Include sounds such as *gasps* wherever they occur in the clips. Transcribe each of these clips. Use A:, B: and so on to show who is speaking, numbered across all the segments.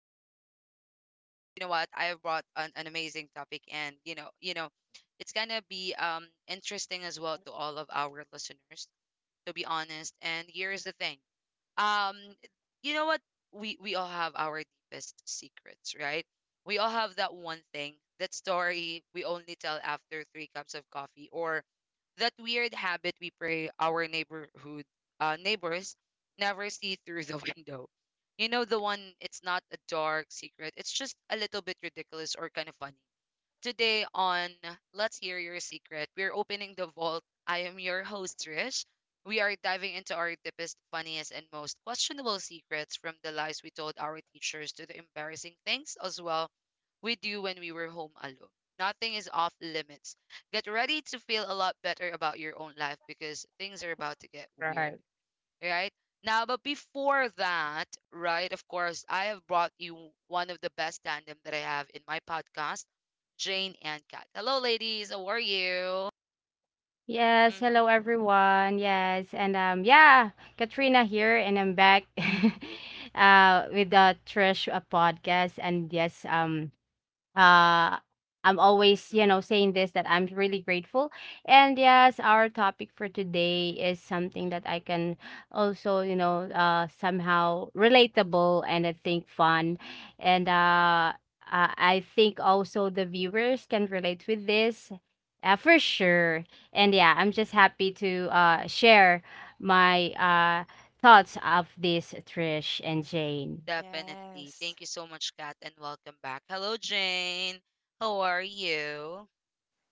A: our podcast for today, and you know what? I have brought an amazing topic, and it's gonna be interesting as well to all of our listeners. To be honest, and here is the thing um you know what, we all have our deepest secrets, right? We all have that one thing, that story we only tell after three cups of coffee, or that weird habit we pray our neighborhood neighbors never see through the *laughs* window. You know the one, it's not a dark secret, it's just a little bit ridiculous or kind of funny. Today on Let's Hear Your Secret, we're opening the vault. I am your host, Trish. We are diving into our deepest, funniest, and most questionable secrets, from the lies we told our teachers to the embarrassing things as well we do when we were home alone. Nothing is off limits. Get ready to feel a lot better about your own life, because things are about to get weird,
B: Right.
A: right? Now, but before that, right, of course, I have brought you one of the best tandem that I have in my podcast, Jane and Kat. Hello, ladies. How are you?
B: Yes, hello
A: Mm-hmm.
B: everyone. Katrina here and I'm back *laughs* with the Trish podcast and uh I'm always, saying this that I'm really grateful. And yes, our topic for today is something that I can also, somehow relatable and I think fun. And I think also the viewers can relate with this for sure. And yeah, I'm just happy to share my thoughts of this, Trish and Jane.
A: Definitely.
C: Yes.
A: Thank you so much, Kat, and welcome back. Hello, Jane. How are you?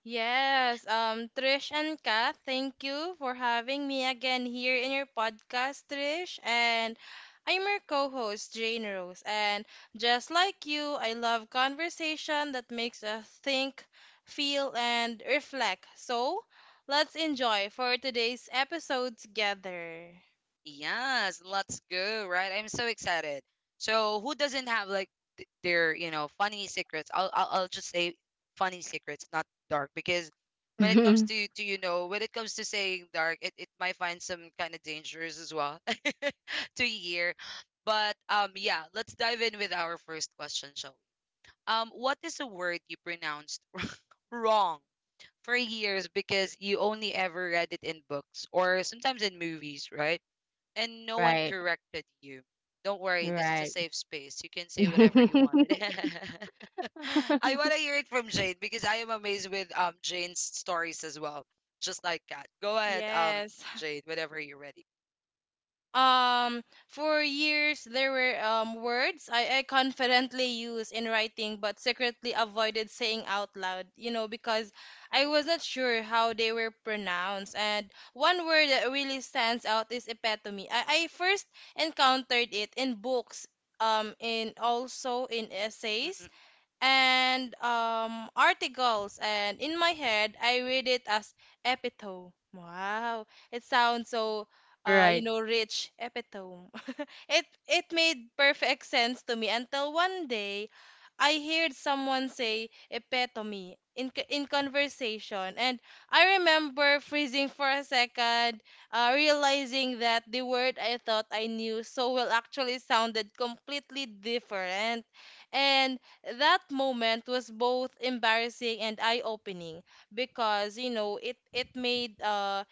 C: Yes. Trish and Kath, thank you for having me again here in your podcast, Trish. And I'm your co-host, Jane Rose. And just like you, I love conversation that makes us think, feel, and reflect. So let's enjoy for today's episode together.
A: Yes, let's go, right? I'm so excited. So, who doesn't have like their, funny secrets? I'll just say funny secrets, not dark, because when it comes to
B: *laughs*
A: when it comes to saying dark, it might find some kind of dangers as well *laughs* to hear. But yeah, let's dive in with our first question, shall we? What is a word you pronounced *laughs* wrong for years because you only ever read it in books or sometimes in movies, right? And no one
B: Right,
A: corrected you. Don't worry, this is a
B: right.
A: safe space. You can say whatever you wanted.
B: *laughs*
A: *laughs* I want to hear it from Jane because I am amazed with Jane's stories as well, just like Kat. Go ahead,
C: Yes.
A: Jane, whenever you're ready.
C: For years, there were words I confidently used in writing but secretly avoided saying out loud, you know, because I was not sure how they were pronounced. And one word that really stands out is epitome. I first encountered it in books, in also in essays
A: Mm-mm,
C: and articles, and in my head, I read it as epitome. Wow, it sounds so, you
B: Right,
C: know, rich epitome. *laughs* It made perfect sense to me until one day, I heard someone say epitome in conversation, and I remember freezing for a second, realizing that the word I thought I knew so well actually sounded completely different, and that moment was both embarrassing and eye-opening because you know it it made uh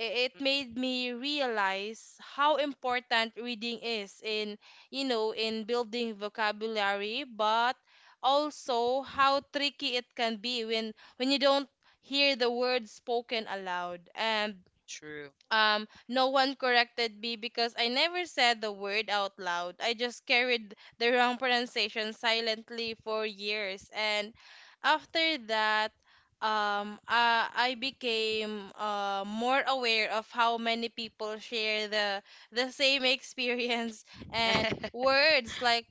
C: i- it made
A: mm-mm.
C: me realize how important reading is in you know in building vocabulary but also how tricky it can be when you don't hear the words spoken aloud and
A: True.
C: no one corrected me because I never said the word out loud. I just carried the wrong pronunciation silently for years and after that I became more aware of how many people share the same *laughs* experience and
A: Mm. *laughs*
C: words like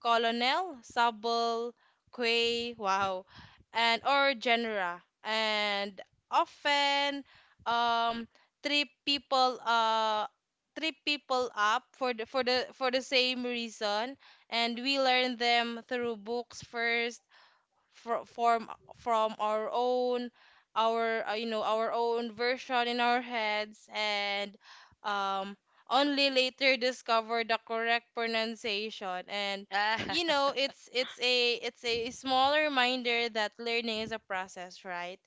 C: colonel, sable, quay,
A: Mm.
C: wow, and or genera and often um trip people uh trip people up for the for the same reason and we learn them through books first fro- from from our own our you know our own version in our heads and um only later discover the correct pronunciation and
A: Ah,
C: you know it's a small reminder that learning is a process right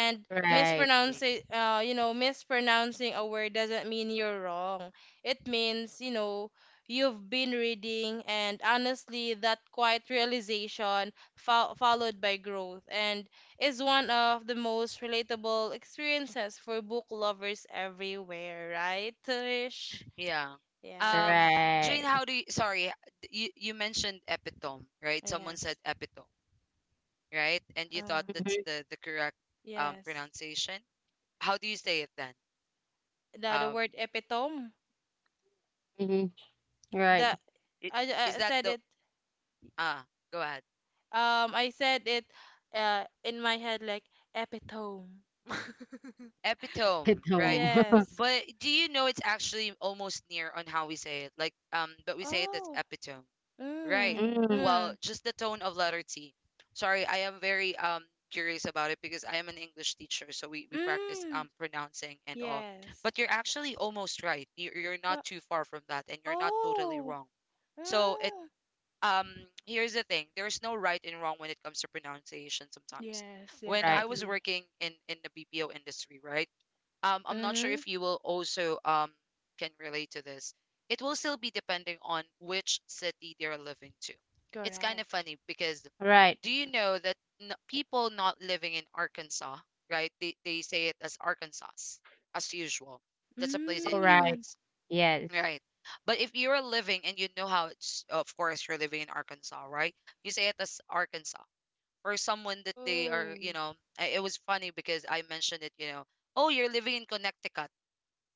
A: *laughs*
B: right,
A: Definitely.
C: mispronouncing you know mispronouncing a word doesn't mean you're wrong it means you know you've been reading and honestly that quiet realization followed by growth, and is one of the most relatable experiences for book lovers everywhere, right, Trish?
A: Yeah. Um,
C: Yes.
A: Jane, how
B: right.
A: do you, sorry, you, mentioned epitome,
C: Oh,
A: right? Someone said
C: yes.
A: epitome, right? And you
C: Uh,
A: thought that's
B: Mhm,
A: the correct
C: yes.
A: pronunciation. How do you say it then?
C: The
A: Um,
C: word epitome.
B: mhm. Right,
C: The
A: i-
C: I,
A: is
C: I
A: that
C: said
A: the
C: it.
A: ah? Go ahead.
C: I said it. In my head like epitome. *laughs*
B: at
A: Epitome, right?
B: home. *laughs*
C: Yes.
A: But do you know it's actually almost near on how we say it? Like but we say it as
C: Oh.
A: epitome, right?
C: Mm.
B: Mm,
A: Well,
C: Mm.
A: just the tone of letter T. Sorry, I am very curious about it because I am an English teacher, so we practice
C: Mm.
A: pronouncing and all.
C: Yes.
A: But you're actually almost right. You're
C: Uh,
A: not too far from that, and you're not totally
C: oh.
A: wrong. So
C: Ah,
A: um here's the thing, there's no right and wrong when it comes to pronunciation sometimes.
C: yes,
A: When I
B: right,
A: was
C: definitely.
A: working in the BPO industry, right? I'm not sure
C: Mm-hmm.
A: if you will also can relate to this. It will still be depending on which city they're living to. It's kind of
C: Correct.
A: funny because,
B: right,
A: do you know that people not living in Arkansas, right they say it as Arkansas, as usual. That's a place in
B: alright,
C: Mm.
A: US.
B: yes.
A: Right. But if you're living and you know how it's, of course, you're living in Arkansas, right? You say it as Arkansas. For someone that they are,
C: Oh.
A: you know, it was funny because I mentioned it, you know, oh, you're living in Connecticut,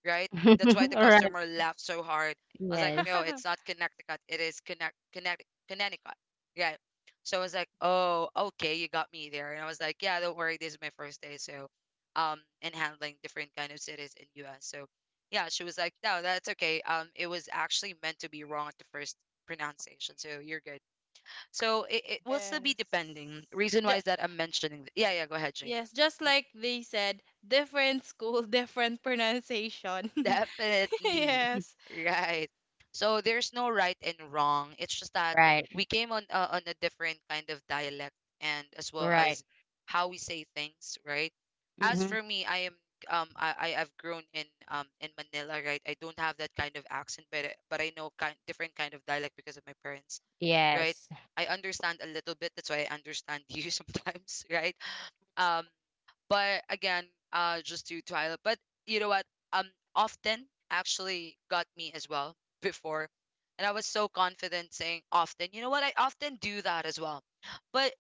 A: right? That's why the
B: *laughs*
A: customer
B: Alright,
C: Mm.
A: laughed so hard. I was like,
B: yes.
A: no, it's not
C: *laughs*
A: Connecticut. It is Connecticut, Connecticut. Yeah. So I was like, oh, okay, you got me there. And I was like, yeah, don't worry, this is my first day. So and handling different kind of cities in US. So yeah, she was like, no, that's okay. Um, it was actually meant to be wrong at the first pronunciation. So you're good. So it will still be
C: Yes.
A: depending. Reason
C: Ju
A: why is that I'm mentioning yeah, yeah, go ahead, Jane.
C: Yes, just
A: Mm-hmm.
C: like they said, different school, *laughs* different pronunciation. *laughs*
A: Definitely.
C: Yes.
A: Right. So there's no right and wrong. It's just that
B: *laughs* Right,
A: we came on a different kind of dialect, and as well
B: right.
A: as how we say things, right? As
B: Mhm,
A: for me, I am I've grown in Manila, right? I don't have that kind of accent, but but I know kind different kind of dialect because of my parents, right?
B: yes.
A: I understand a little bit. That's why I understand you *laughs* sometimes, right? Um but again, just due to Isla. But you know what? Um, Often actually got me as well *laughs* before, and I was so confident saying often. You know what? I often do that as well, but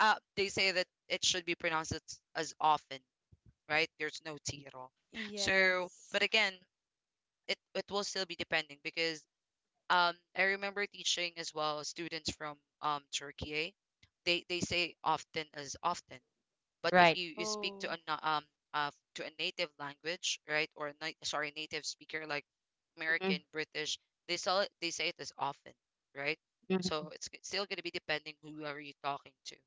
A: they say that it should be pronounced as often, right? There's no T at all. So,
C: Yes.
A: but again, it will still be depending because I remember teaching as well students from Turkey. They say often as often, but if
B: Right.
A: you speak to
C: Oh.
A: a uh to a native language, right, or a sorry, native speaker like American,
B: Mhm,
A: British, they say it as often, right? So
B: mhm,
A: it's still going to be depending who are you talking to.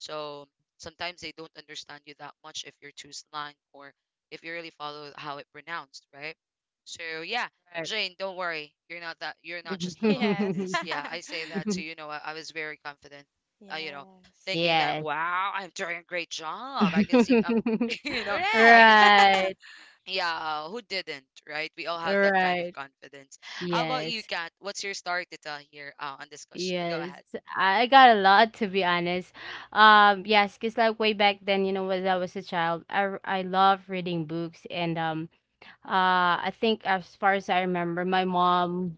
A: So sometimes they don't understand you that much if you're too slang or if you really follow how it pronounced, right? So yeah,
B: right.
A: Jane, don't worry. You're not that, you're not just alone in
C: Yes.
A: this.
C: *laughs*
A: Yeah, I say that too. You
B: *laughs*
A: know, I was very confident. You know,
C: Yes.
A: thinking that
B: Yes.
A: wow, I'm doing a great job. I can see *laughs*
B: *laughs*
A: you know, I
C: Correct.
A: can s-
C: *laughs*
B: Right,
A: yeah, who didn't, right? We all have that kind of
B: right.
A: confidence. How about you,
B: Yes.
A: Kat? What's your story to tell here on discussion? Go
B: Yes,
A: ahead.
B: I got a lot, to be honest. Yes, because like way back then, you know, when I was a child, I love reading books, and uh, I think as far as I remember, my mom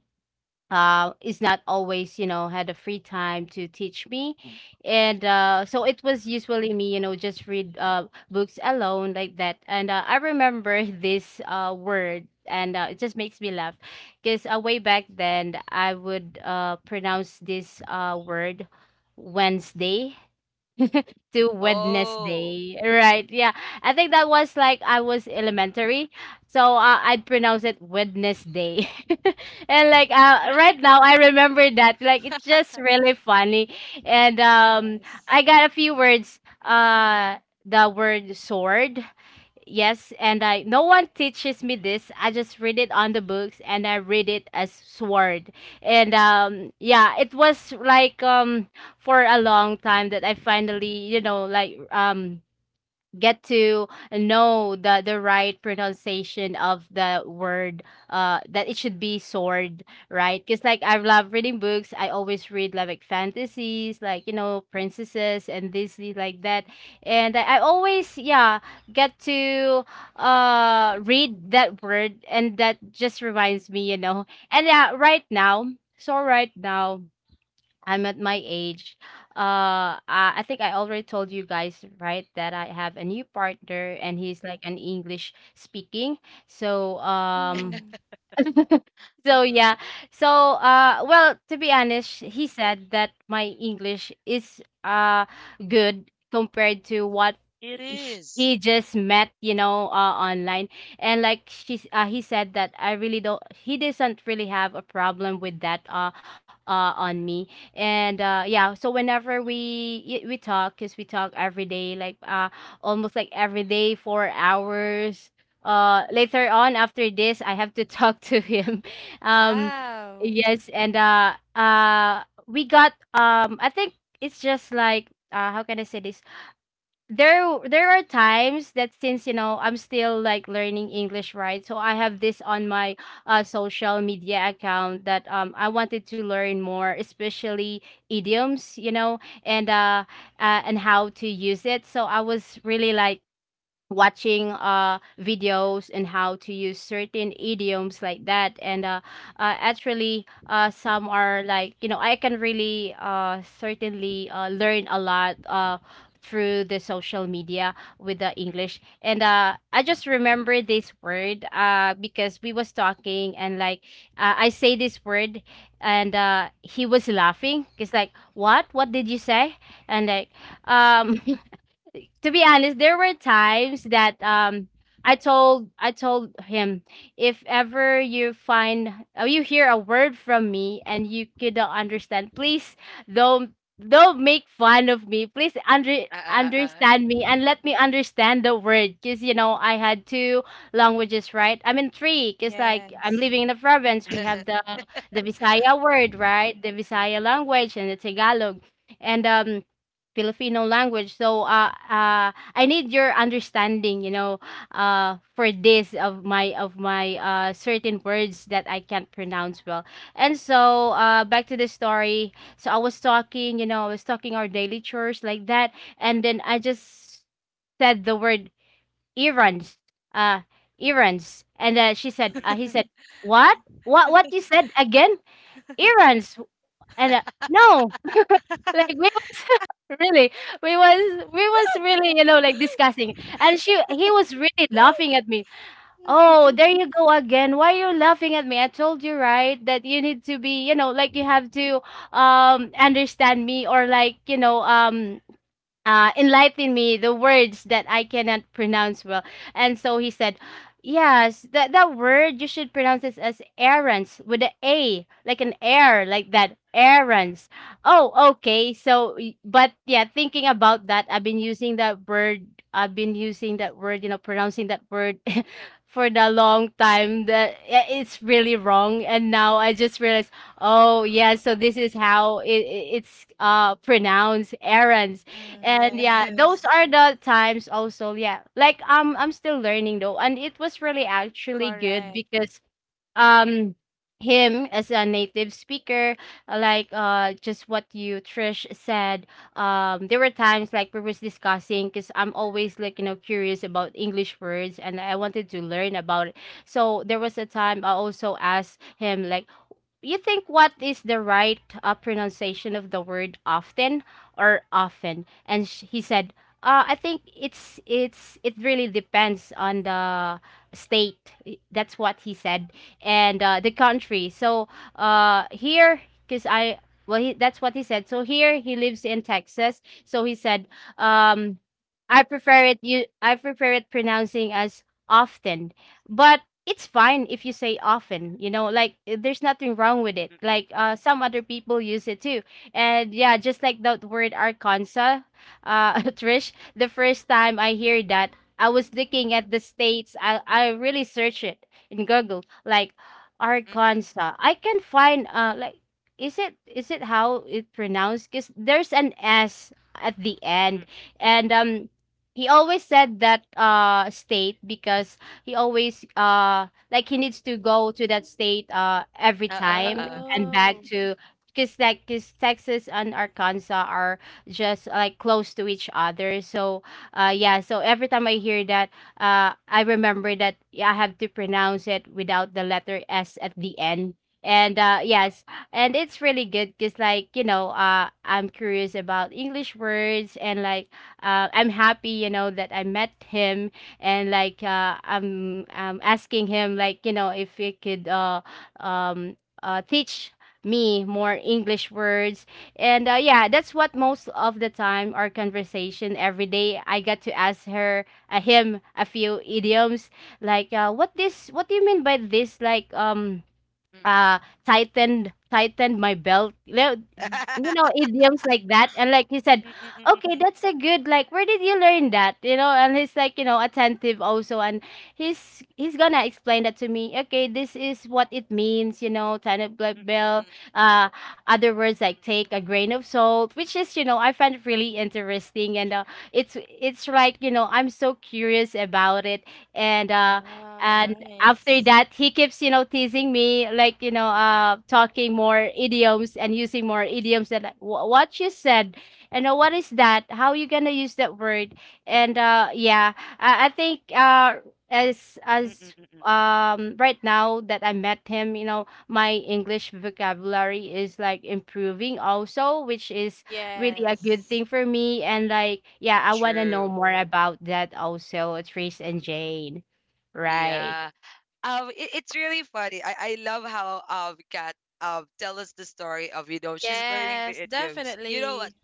B: is not always, you know, had a free time to teach me. And So it was usually me, you know, just read books alone like that. And I remember *laughs* this word and it just makes me laugh because way back then I would pronounce this word Wednesday to
A: Oh,
B: Wednesday. Right. Yeah. I think that was like I was elementary. So I'd pronounce it Wednesday. *laughs* And like right now I remember that like it's just really funny. And
C: Yes.
B: I got a few words, the word sword. Yes, and I, no one teaches me this. I just read it on the books and I read it as sword. And Yeah, it was like for a long time that I finally, you know, get to know the right pronunciation of the word, that it should be sword. Right, because like I love reading books, I always read like fantasies, like, you know, princesses and this, like that. And I always, yeah, get to read that word, and that just reminds me, you know. And yeah, right now, so right now I'm at my age. I think I already told you guys, right, that I have a new partner and he's like an English speaking. So,
C: Mm.
A: mm-mm.
B: so yeah. So well, to be honest, he said that my English is good compared to what
A: It is.
B: he just met, you know, online. And like, she's he said that I really don't, he doesn't really have a problem with that on me. And yeah, so whenever we talk, cuz we talk every day like almost like every day for hours. Later on after this I have to *laughs* talk to him. Um
C: Wow.
B: yes and We got, I think it's just like, how can I say this, there are times that since you know I'm still like learning English, right? So I have this on my social media account that I wanted to learn more, especially idioms, you know. And and how to use it, so I was really like watching videos and how to use certain idioms like that. And actually, some are like, you know, I can really certainly learn a lot through the social media with the
A: Mm-mm.
B: English. And I just remember this word, because we was talking, and like, I say this word, and he was laughing. It's like, what did you say? And like, um to be honest, there were times that, um, I told him, if ever you find or you hear a word from me and you could not understand, please don't don't make fun of me. Please
A: Uh, uh, uh, uh.
B: understand me, and let me understand the word, because you know I had two languages, right? I mean three, because like I'm
C: Yes.
B: living in the province,
A: *laughs*
B: we
A: Mm-mm,
B: have the Visaya word, right, the Visaya language and the Tagalog and Filipino language. So I need your understanding, you know, for this of my certain words that I can't pronounce well. And so
A: mm-mm,
B: back to the story. So I was talking, you know, I was talking our daily chores like that, and then I just said the word errands, uh, errands. And She said, he
A: mm-mm.
B: said, what, what you said again, errands. And
A: *laughs*
B: No, like
C: *laughs*
B: we was *laughs* really, we was we was really, you know, like discussing. And she he was really laughing at me. Oh, there you go again. Why you laughing at me? I told you right that you need to be, you know, like you have to understand me, or like, you know, enlighten me the words that I cannot pronounce well. And so he said, yes, that, that word you should pronounce this as errands, with the A, like an air, like that. Errands. Oh, okay. So, but yeah, thinking about that, I've been using that word. I've been using that word, you know, pronouncing that word *laughs* for the long time. That, yeah, it's really wrong. And now I just realized, oh yeah, so this is how it's pronounced. Errands.
C: Mm,
B: And yeah, those
C: yes,
B: are the times also, yeah. Like, I'm still learning though, and it was really
C: *laughs*
B: actually good
C: correct.
B: because, um him as a native speaker, just what you Trish said, there were times like we was discussing, because I'm always like, you know, curious about English words and I wanted to learn about it. So there was a time I also asked him like, you think what is the right pronunciation of the word often or often? And he said, I think it's, it really depends on the state, that's what he said, and the country. So here, because I well he, that's what he said, so here he lives in Texas, so he said, um I prefer it, you I prefer it pronouncing as often. But it's fine if you say often, you know, like, there's nothing wrong with it,
A: Mm-mm, mm-mm,
B: like some other people use it too. And yeah, just like that word Arkansas. *laughs* Trish, the first time I hear that, I was looking at the states, I really search it in Google, like
A: mm-mm.
B: Arkansas. I can find like, is it, is it how it pronounced, because there's an S at the end. And he always said that state, because he always like he needs to go to that state every
A: Uh, uh, uh,
B: time.
A: uh.
B: And back
C: Oh,
B: to, because like, cause Texas and Arkansas are just like close to each other. So yeah, so every time I hear that, I remember that, yeah, I have to pronounce it without the letter S at the end. And yes, and it's really good because, like, you know, I'm curious about English words, and like, I'm happy, you know, that I met him, and like, I'm asking him, like, you know, if he could um teach me more English words. And yeah, that's what most of the time our conversation every day. I got to ask her him a few idioms like, what this, what do you mean by this, like,
A: Mm-mm.
B: uh tightened, tightened my belt, you know, you know,
A: *laughs*
B: idioms like that. And like he said,
A: Mm-mm, mm-mm,
B: okay,
A: mm-mm,
B: that's a good, like, where did you learn that, you know? And he's like, you know, attentive also, and he's gonna explain that to me. Okay, this is what it means, you know, tightened black
A: mm-mm,
B: belt.
A: mm-mm,
B: uh Other words like take a grain of salt, which is, you know, I find it really interesting. And it's like, you know, I'm so curious about it. and uh
C: wow,
B: and after
C: nice.
B: that, he keeps, you know, teasing me, like, you know, talking more idioms and using more idioms that, like, what you said, and what is that, how you gonna use that word?" And yeah, I think,
A: mm-mm, mm-mm,
B: as
A: mm-mm, mm-mm.
B: right now that I met him, you know, my English vocabulary is like improving also, which is really a good
C: Yes.
B: thing for me. And like, yeah, I want to know
A: True.
B: more about that also, Trace and Jane, right?
A: Yeah. It, it's really funny, I love how Kat tell us the story of, you know, she's learning
C: Yes,
A: the idioms. You know what,
C: definitely.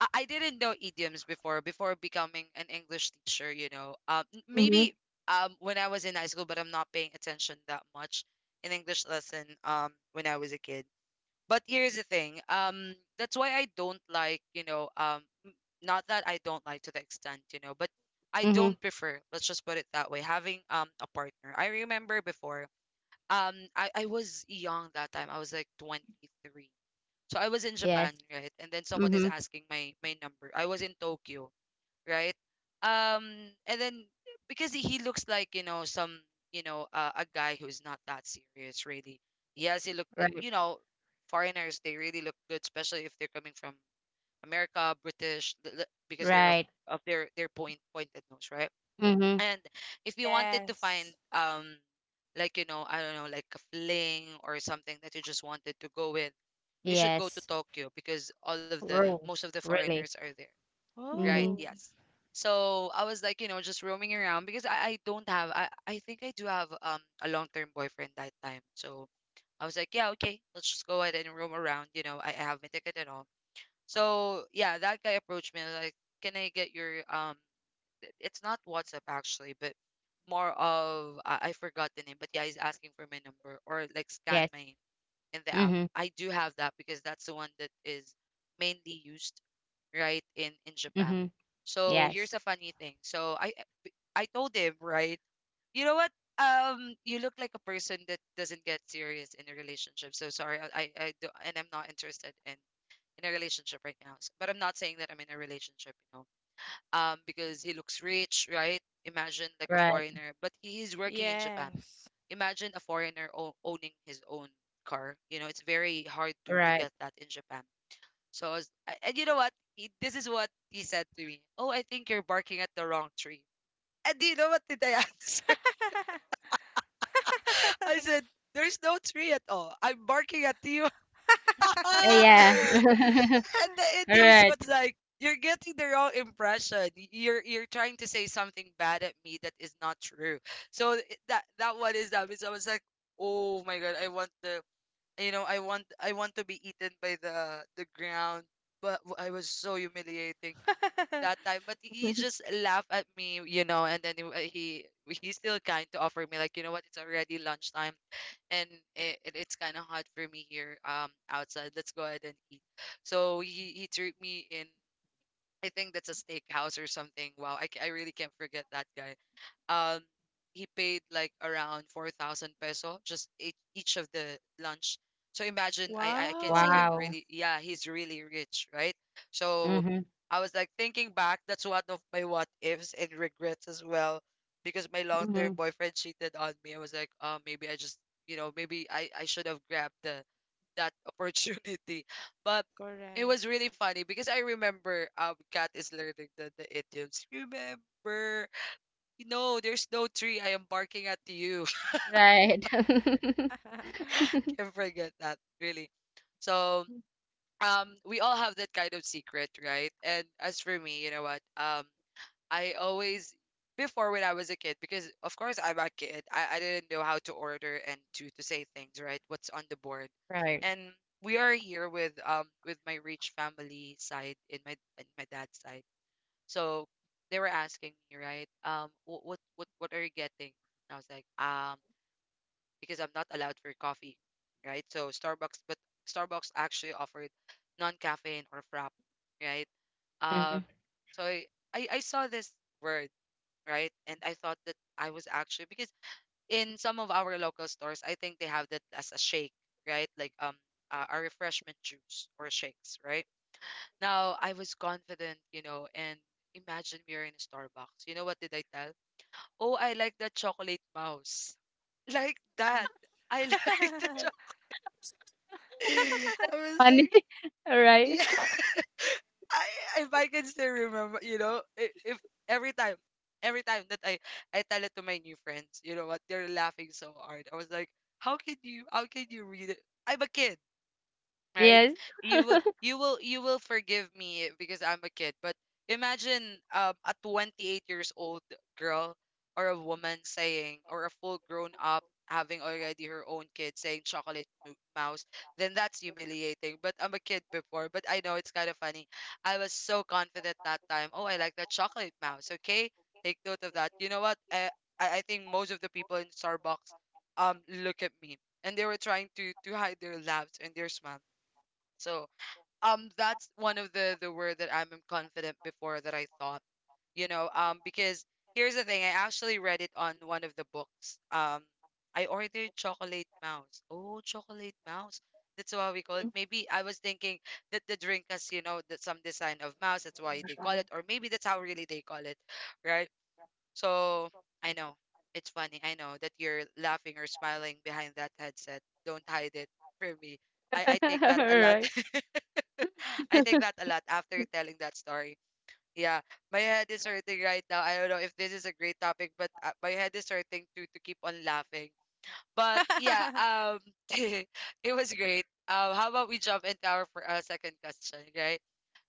A: I didn't know idioms before before becoming an English teacher, you know.
B: Mhm,
A: Maybe when I was in high school, but I'm not paying attention that much in English lesson when I was a kid. But here's the thing, that's why I don't like, you know, not that I don't like to the extent, you know, but I
B: mhm.
A: don't prefer, let's just put it that way, having a partner. I remember before I was young that time. I was like 23. So I was in
B: Yes.
A: Japan, right? And then someone is
B: Mhm.
A: asking my number. I was in Tokyo, right? Um and then because he looks like, you know, some, you know, a guy who's not that serious really. Yes, he look
B: Right.
A: you know, foreigners, they really look good, especially if they're coming from America, British, because they're
B: Right.
A: of their pointed nose, right?
B: Mhm.
A: And if you wanted to find
C: Yes.
A: like, you know, I don't know, like a fling or something that you just wanted to go with, you should go to
B: Yes.
A: Tokyo because all of the
B: Rule.
A: most of the foreigners
B: Really.
A: are there, right?
B: Mhm.
C: Oh,
A: Yes. So I was like, you know, just roaming around because I don't have, I think I do have a long term boyfriend that time. So I was like, yeah, okay, let's just go ahead and roam around. You know, I have my ticket and all. So yeah, that guy approached me and was like, can I get your it's not WhatsApp actually, but more of I forgot the name, but yeah, he's asking for my number or like scan
B: Yes.
A: my in the app.
B: Mhm.
A: I do have that because that's the one that is mainly used right in Japan.
B: Mhm.
A: So
B: Yes.
A: here's a funny thing. So I told him, right, you know what? You look like a person that doesn't get serious in a relationship. So sorry, I do, and I'm not interested in a relationship right now. But I'm not saying that I'm in a relationship, you know, because he looks rich, right? Imagine like a
B: Right.
A: foreigner, but he is working in Japan.
C: yes.
A: Imagine a foreigner owning his own car. You know, it's very hard to
B: Right.
A: get that in Japan. So, and you know what? He, this is what he said to me. Oh, I think you're barking at the wrong tree. And you know what did I *laughs* answer?
C: *laughs*
A: I said, "There's no tree at all. I'm barking at you." *laughs*
B: Yeah.
A: And the
B: *laughs*
A: idioms
B: Right.
A: was like, you're getting the wrong impression. You're trying to say something bad at me that is not true. So that one is that. So I was like, oh my god, I want the, I want to be eaten by the ground. But I was so humiliating that time, but he
B: Mhm.
A: just laughed at me, you know, and then he he's still kind to offer me like, you know what, it's already lunchtime, and it's kind of hot for me here outside, let's go ahead and eat. So he threw me in, I think that's a steakhouse or something. Wow, I really can't forget that guy. Um, he paid like around 4,000 peso just each of the lunch. So imagine I can see him,
C: Wow.
B: Wow.
A: really. Yeah, he's really rich, right? So
B: Mhm.
A: I was like thinking back. That's one of my what ifs and regrets as well, because my long term
B: Mhm.
A: boyfriend cheated on me. I was like, oh, maybe I just, you know, maybe I should have grabbed the that opportunity. *laughs* But it was
C: Correct.
A: really funny because I remember Kat is learning the idioms. Remember, you know, there's no tree. I am barking at you. *laughs*
B: Right.
C: *laughs*
A: Can't
B: *laughs*
A: forget that, really. So we all have that kind of secret, right? And as for me, you know what? I always, before when I was a kid, because of course I'm a kid, I didn't know how to order and to say things, right? What's on the board.
B: Right.
A: And we are here with my rich family side in my, in my dad's side. So they were asking me, right? What are you getting? And I was like, because I'm not allowed for coffee, right? So Starbucks, but Starbucks actually offered non-caffeine or frap, right? Um,
B: Mhm.
A: so I saw this word, right? And I thought that I was, actually, because in some of our local stores, I think they have that as a shake, right? Like a refreshment juice or shakes, right? Now I was confident, you know, and imagine we are in a Starbucks. You know what did I tell? Oh, I like the chocolate mouse. *laughs* Like
C: Mhm.
A: that. I like *laughs* the
C: *laughs*
A: chocolate. I was
B: Funny,
A: like,
B: *laughs* right?
A: yeah. *laughs* I If I can still remember, you know, if every time, every time that I tell it to my new friends, you know what, they're laughing so hard. I was like, how can you read it? I'm a kid, right.
B: Yes.
A: You will forgive me because I'm a kid, but imagine a 28 years old girl or a woman saying, or a full grown up having already her own kid, saying chocolate mouse, then that's humiliating. But I'm a kid before, but I know it's kind of funny. I was so
B: *laughs*
A: confident that time, oh, I like that chocolate mouse. Okay, take note of that. You know what, I think most of the people in Starbucks look at me, and they were trying to hide their laughs and their smile. So that's one of the word that I'm confident before that I thought, you know, because here's the thing, I actually read it on one of the books. I ordered chocolate mouse. Oh, chocolate mouse. That's why we call it. Maybe I was thinking that the drink has, you know, that some design of mouse, that's why they call it, or maybe that's how really they call it, right? So I know it's funny. I know that you're laughing or smiling behind that headset. Don't hide it from me. I take that a lot.
B: Right.
A: *laughs* *laughs* I think that a lot after telling that story. Yeah, my head is hurting right now. I don't know if this is a great topic, but my head is hurting to keep on laughing. But yeah, *laughs* it was great. How about we jump into our second question, right?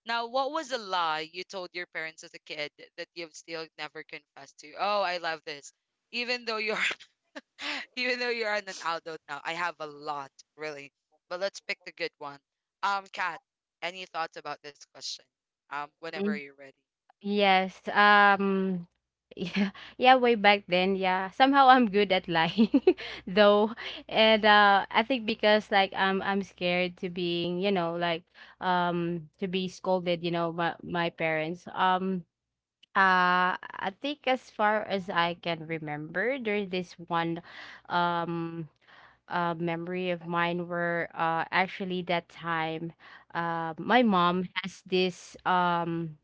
A: Now, what was a lie you told your parents as a kid that you've still never confessed to? Oh, I love this. Even though you're *laughs* Even though you're an adult now, I have a lot, really. But let's pick the good one. Kat, any thoughts about this question? Whenever
B: Mm,
A: you're ready.
B: yes. Yeah, *laughs* yeah, way back then, yeah. Somehow I'm good at lying *laughs* though. And I think because like I'm scared to being, you know, like to be scolded, you know, by my parents. I think as far as I can remember, there's this one um memory of mine where actually that time my mom has this um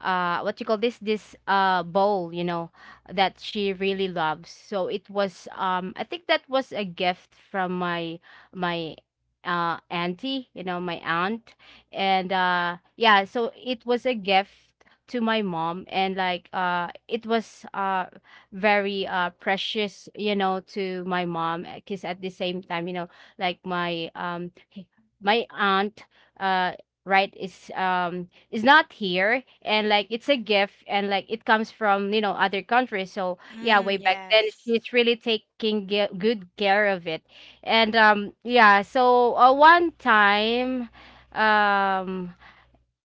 B: uh what you call this bowl, you know, that she really loves. So it was I think that was a gift from my my auntie, you know, my aunt. And yeah, so it was a gift to my mom. And like it was very precious, you know, to my mom because at the same time, you know, like h- my aunt, uh right, is not here, and like it's a gift, and like it comes from, other countries. So yeah,
C: Mm,
B: way back then
C: yes.
B: she's really taking good care of it. And yeah, so one time um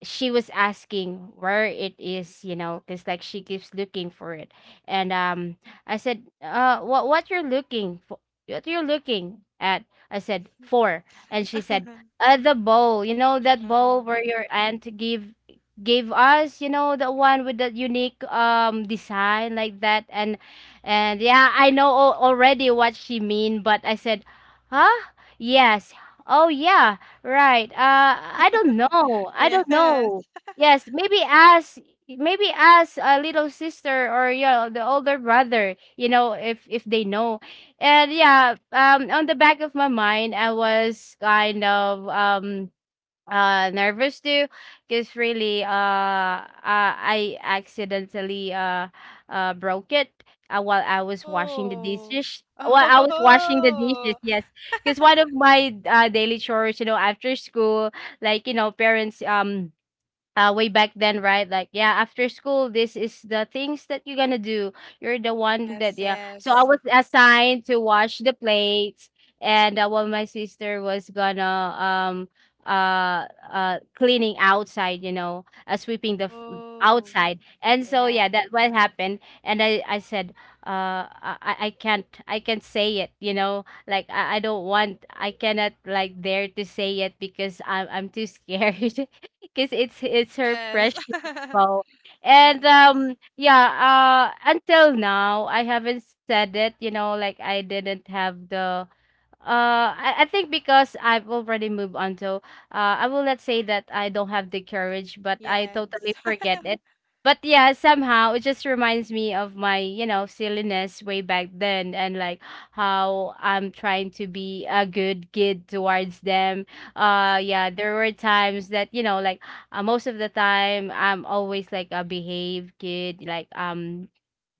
B: she was asking where it is, you know, because like she keeps looking for it. And I said, what you're looking for, what you're looking at? I said, for. And she said,
C: *laughs*
B: the bowl, you know, that bowl where
C: Um,
B: your aunt give gave us, you know, the one with the unique design like that. And yeah, I know already what she mean, but I said, huh? Yes. Oh yeah. Right. I don't know. I don't
C: yes.
B: know. Yes, maybe ask, a little sister, or, the older brother, if they know. And yeah, on the back of my mind I was kind of nervous too, because really I accidentally broke it, while I was washing the
C: Oh.
B: dishes,
C: Oh.
B: yes. Because one of
C: *laughs*
B: my daily chores, you know, after school, like, you know, parents, way back then, right? Like, yeah, after school, this is the things that you're gonna do. You're the one
C: Yes,
B: that, yeah. So I
C: yes.
B: was assigned to wash the plates, and while my sister was gonna cleaning outside, you know, sweeping the
C: Oh.
B: outside. And so
C: Yeah.
B: yeah, that what happened. And I said, I can't, I can't say it, you know, like I don't want, I cannot like dare to say it because I'm too scared. *laughs* Because it's her
C: Yes.
B: precious
C: *laughs*
B: bow. And
C: Yes.
B: yeah, until now I haven't said it, you know, like I didn't have the I think because I've already moved on, so I will not say that I don't have the courage, but I
C: Yes.
B: totally forget
A: Mm, mm,
B: it.
C: *laughs*
B: But yeah, somehow it just reminds me of my,
A: mm,
B: silliness way back then, and like how I'm trying to be a good kid towards them.
A: mm, mm,
B: Yeah, there were times that, you know, like most of the time I'm always like a behave kid, like um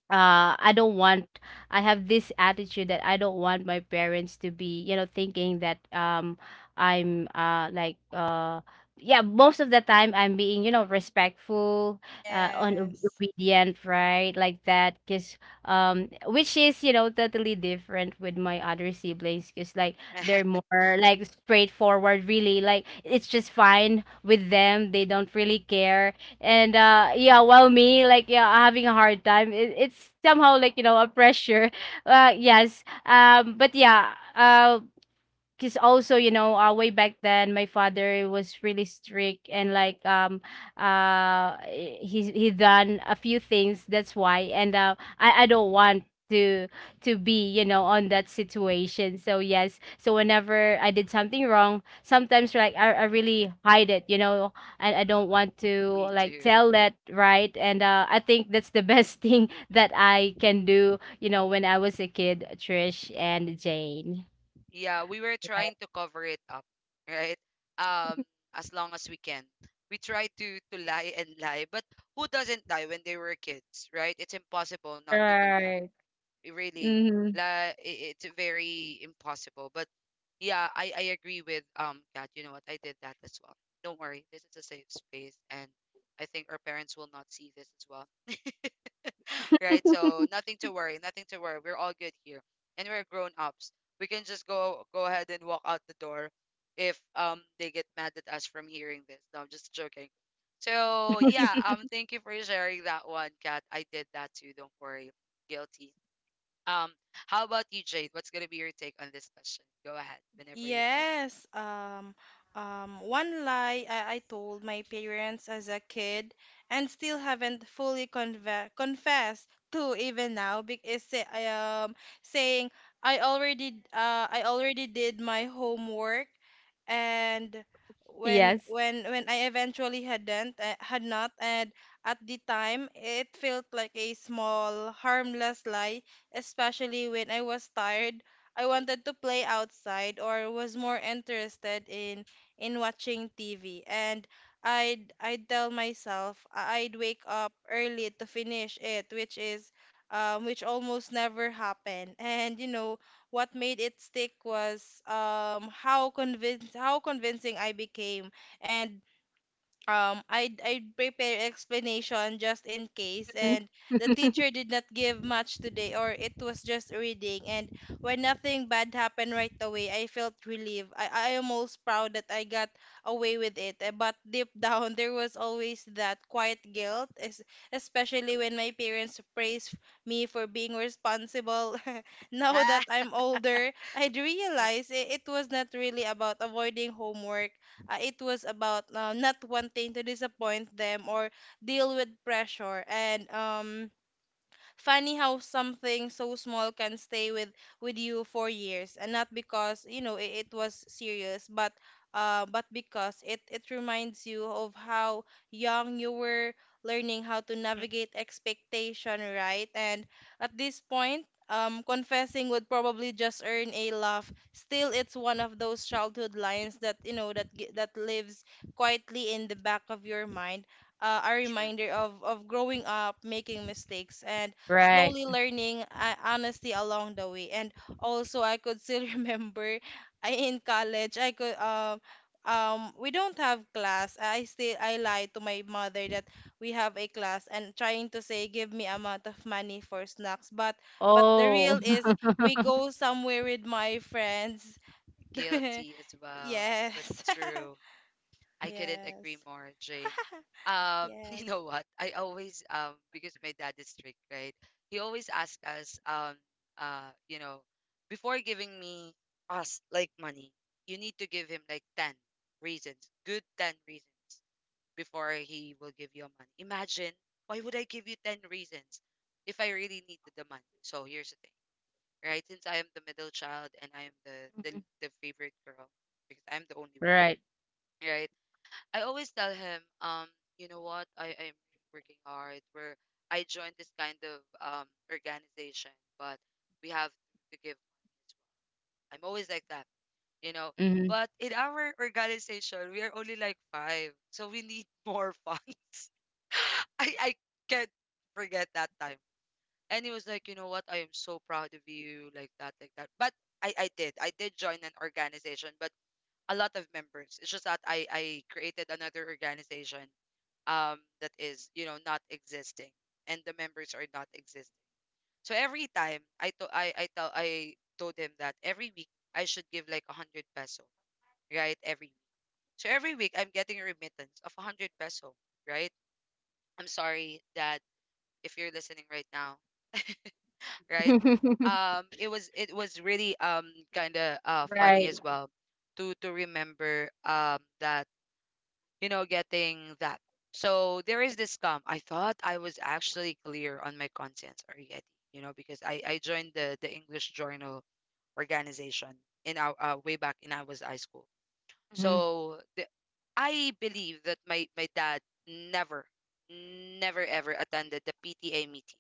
B: uh I don't want I have this attitude that I don't want my parents to be, thinking that I'm like yeah, most of the time I'm being, you know, respectful and
C: Yes.
B: obedient, right, like that. Because which is, you know, totally different with my other siblings, because like they're
A: mm.
B: more like straightforward, really, like it's just fine with them, they don't really care. And yeah, while me, like, yeah, having a hard time, it's somehow like, you know, a pressure *laughs* yes, but yeah. Because also, you know, way back then my father was really strict, and like he done a few things, that's why. And I don't want to be, you know, on that situation. So yes, so whenever I did something wrong sometimes, like I really hide it, and I don't want
A: *laughs*
B: to
A: Me
B: like
A: too.
B: tell that, right. And I think that's the best *laughs* thing that I can do, when I was a kid, Trish and Jane.
A: Yeah, we were trying to cover it up, right? Um, as long as we can. We try to lie and lie, but who doesn't lie when they were kids, right? It's impossible not to do that.
B: Right.
A: It really,
B: Mhm.
A: like it's very impossible. But yeah, I agree with Kat. You know what? I did that as well. Don't worry, this is a safe space, and I think our parents will not see this as well, *laughs* right? So nothing to worry, nothing to worry. We're all good here, and we're grown ups. We can just go ahead and walk out the door if they get mad at us from hearing this. No, I'm just joking. So yeah, thank you for sharing that one, Kat. I did that too. Don't worry, guilty. Um, how about you, Jade? What's gonna be your take on this question? Go ahead whenever you're ready.
C: Yes, um, One lie I told my parents as a kid and still haven't fully conve confessed to even now because say, um, saying I already did my homework and when
B: Yes.
C: when when I eventually had not and at the time it felt like a small harmless lie especially when I was tired I wanted to play outside or was more interested in watching TV. And I'd tell myself I'd wake up early to finish it, which is which almost never happened. *laughs* And you know what made it stick was how convinced how convincing I became, and I'd prepare explanation just in case
B: Mhm.
C: and the
B: *laughs*
C: teacher did not give much today or it was just reading and when nothing bad happened right away I felt relieved. I almost proud that I got away with it eh, but deep down *laughs* there was always that quiet guilt especially when my parents praised me for being responsible. *laughs* Now that
A: Ah,
C: I'm older, I'd
A: mm,
C: realize it was not really about avoiding homework it was about not wanting to disappoint them or deal with pressure. And funny how something so small can stay with you for years and not because you know it was serious but because it reminds you of how young you were learning how to
A: mm, mm, mm,
C: navigate expectation right and at this point confessing would probably just earn a laugh. Still, it's one of those childhood lines that you know
A: mm.
C: that lives quietly in the back of your mind, a
A: True.
C: reminder of growing up, making mistakes, and
B: Right.
C: slowly learning honesty along the way. And also, I could still *laughs* remember in college, I could we don't have class. I lied to my mother that we have a class and trying to say give me amount of money for snacks. But the
B: Oh.
C: real is we go
B: *laughs*
C: somewhere with my friends. *laughs*
A: Guilty as well.
C: Yes.
A: That's
C: *laughs*
A: true. I couldn't agree
C: Yes.
A: more, Jane.
C: *laughs*
A: *laughs*
C: Yes.
A: You know what? I always, because my dad is strict, right? He always asks us uh you know before giving me us like money, you need to give him like ten reasons, good ten reasons, before he will give you money. Imagine, why would I give you 10 reasons if I really needed the money? So here's the thing, right? Since I am the middle child and I am the,
B: Mhm.
A: the favorite girl, because I'm the only
B: Right.
A: one, right? I always tell him, you know what? I'm working hard. Where I joined this kind of um, organization, but we have to give. I'm always like that, you know.
B: Mhm.
A: But in our organization, we are only like five, so we need more funds. *laughs* I can't forget that time. And he was like, you know what? I am so proud of you, like that, like that. But I did join an organization, but a lot of members. It's just that I created another organization that is, you know, not existing, and the members are not existing. So every time I tell, I told him that every week I should give like a hundred peso, right? Every week. So every week I'm getting a remittance of 100 peso, right? I'm sorry, Dad, if you're listening right now, right?
B: *laughs*
A: It was, it was really kind of funny
B: Right.
A: as well to remember that, you know, getting that. So there is this scam. I thought I was actually clear on my conscience already, you know, because I joined the English Journal organization in our way back in, I was high school.
B: Mhm.
A: So I believe that my dad never, never ever attended the PTA meeting,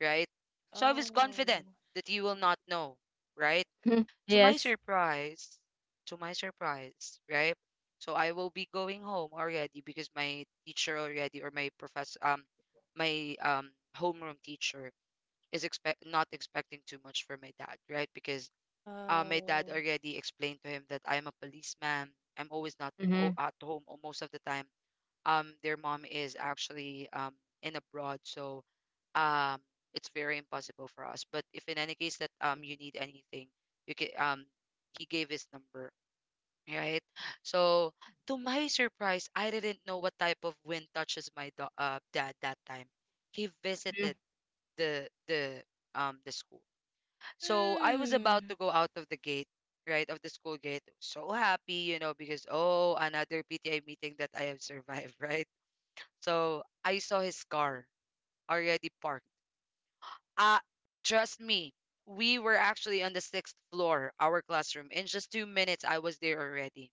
A: right? So I was
C: Oh.
A: confident that you will not know, right?
B: *laughs*
A: To my
B: Yes.
A: surprise, to my surprise, right? So I will be going home already because my teacher already, or my professor, my homeroom teacher is expect not expecting too much from my dad, right? Because my dad
C: Oh.
A: already explained to him that I'm a policeman. I'm always not
B: Mhm.
A: at home or most of the time. Their mom is actually in abroad, so um it's very impossible for us. But if in any case that you need anything, you can he gave his number, right? So to my surprise, I didn't know what type of wind touches my dad that time. He
B: Mhm.
A: visited the the the school. So I was about
C: Hmm.
A: to go out of the gate, right, of the school gate. So happy, you know, because oh, another PTA meeting that I have survived, *laughs* right? So I saw his car already parked. Ah, trust me, we were actually on the sixth floor, our classroom. In just 2 minutes, I was there already.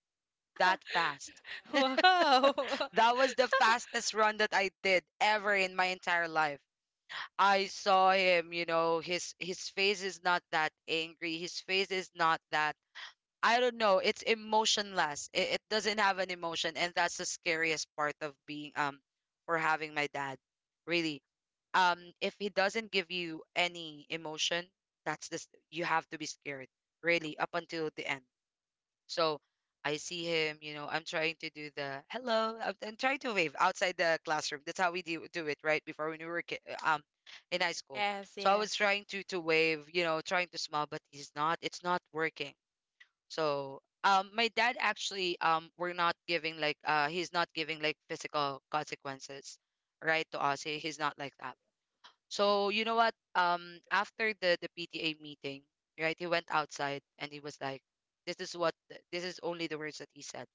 A: That fast.
C: *laughs* Wow. *laughs*
A: That was the fastest run that I did ever in my entire life. I saw him, you know, his face is not that angry. His face is not that, I don't know. It's emotionless. It doesn't have an emotion, and that's the scariest part of being for having my dad. Really, if he doesn't give you any emotion, that's this. You have to be scared, really, up until the end. So I see him. You know, I'm trying to do the hello. I'm trying to wave outside the classroom. That's how we do it, right? Before when we were uh, um in high school.
C: Yes,
A: So I was
C: yes.
A: trying to wave. You know, trying to smile, but he's not. It's not working, so my dad actually, we're not giving like he's not giving like physical consequences, right, to us. He's not like that. So you know what? After the PTA meeting, right, he went outside and he was like, this is what this is only the words that he said.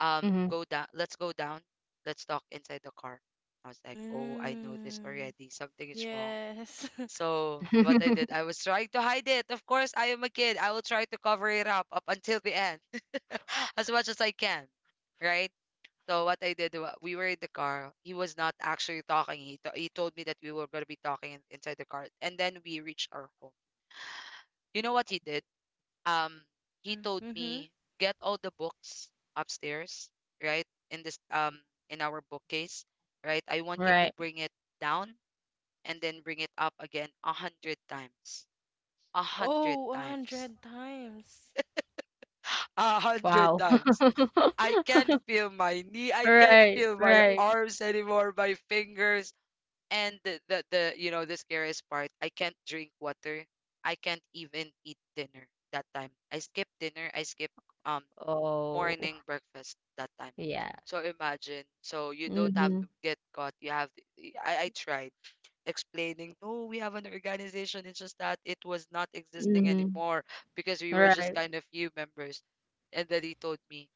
B: Mhm.
A: Go down, let's go down, let's talk inside the car. I was like, oh, I know this
C: Mm,
A: already. Something is wrong.
C: yes. *laughs*
A: So what I did,
B: *laughs*
A: I was trying to hide it. Of course, I am a kid. I will try to cover it up up until the end. *laughs* As much as I can, right? So what I did, we were in the car. He was not actually talking. He told me that we were gonna be talking inside the car, and then we reached our home. You know what he did? Um, he told
C: Mm-hmm.
A: me, get all the books upstairs, right? In this in our bookcase, right? I want you to
B: Right.
A: bring it down and then bring it up again a hundred
C: Oh,
A: times,
C: 100 times.
A: *gasps* *laughs* a hundred
B: Wow.
A: times. I can't
B: *laughs*
A: feel my knee. I can't
B: Right,
A: feel my
B: right.
A: arms anymore, my fingers. And the you know, the scariest part, I can't drink water. I can't even eat dinner that time. I skipped dinner. I skipped um
B: Oh,
A: morning breakfast that time.
B: yeah.
A: So imagine. So you don't have to
B: Mhm.
A: get caught. You have. To, I tried explaining. No, we have an organization. It's just that it was not existing
B: Mhm.
A: anymore because we were just
B: Right.
A: kind of few members. And then he told me,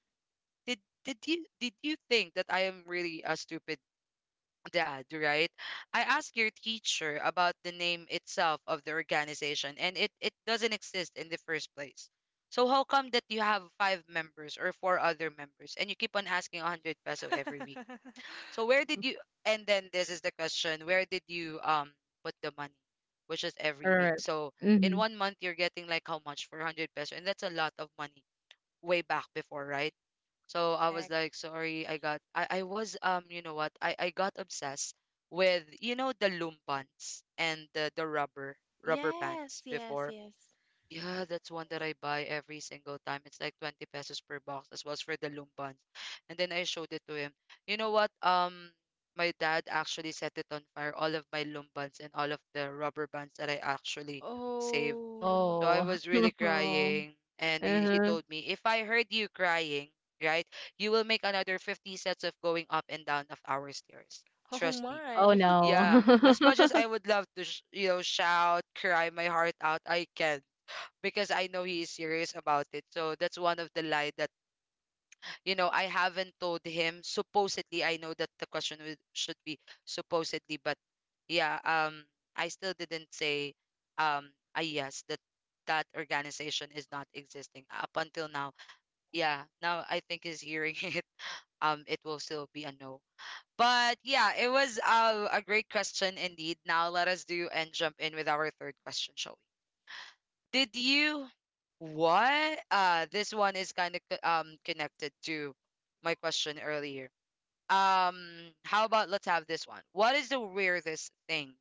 A: did did you think that I am really a stupid dad, right? I asked your teacher about the name itself of the organization and it doesn't exist in the first place. So how come that you have five members or four other members and you keep on asking 100 peso every week?
C: *laughs*
A: So where did you, and then this is the question, where did you put the money? Which is every week.
B: Right.
A: So in
B: Mhm.
A: one month you're getting like how much? 400 peso, and that's a lot of money way back before, right? So I was
C: Correct.
A: like, sorry, I got I was you know what? I got obsessed with you know the loom pants and the, the rubber
C: Yes,
A: pants
C: yes,
A: before.
C: yes.
A: Yeah, that's one that I buy every single time. It's like 20 pesos per box as well as for the loom pants. And then I showed it to him. You know what? My dad actually set it on fire, all of my loom pants and all of the rubber bands that I actually saved.
C: Oh,
A: So I
B: Oh.
A: was really
B: *laughs* Oh.
A: crying. And he
B: Uh-huh.
A: told me, if I heard you crying, right, you will make another 50 sets of going up and down of our stairs.
C: oh
A: Trust me.
B: Oh,
C: my.
A: Yeah. As
B: no.
A: much as I would love to, you know, shout, cry my heart out, I can't because I know he is serious about it. So that's one of the lie that you know, I haven't told him. Supposedly, I know that the question would, should be supposedly, but yeah, I still didn't say, I, yes, that that organization is not existing up until now. Yeah, now I think he's hearing *laughs* it. It will still be a no. But yeah, it was a great question indeed. Now let us do and jump in with our third question, shall we? Did you what? This one is kind of connected to my question earlier. Um, how about let's have this one. What is the weirdest thing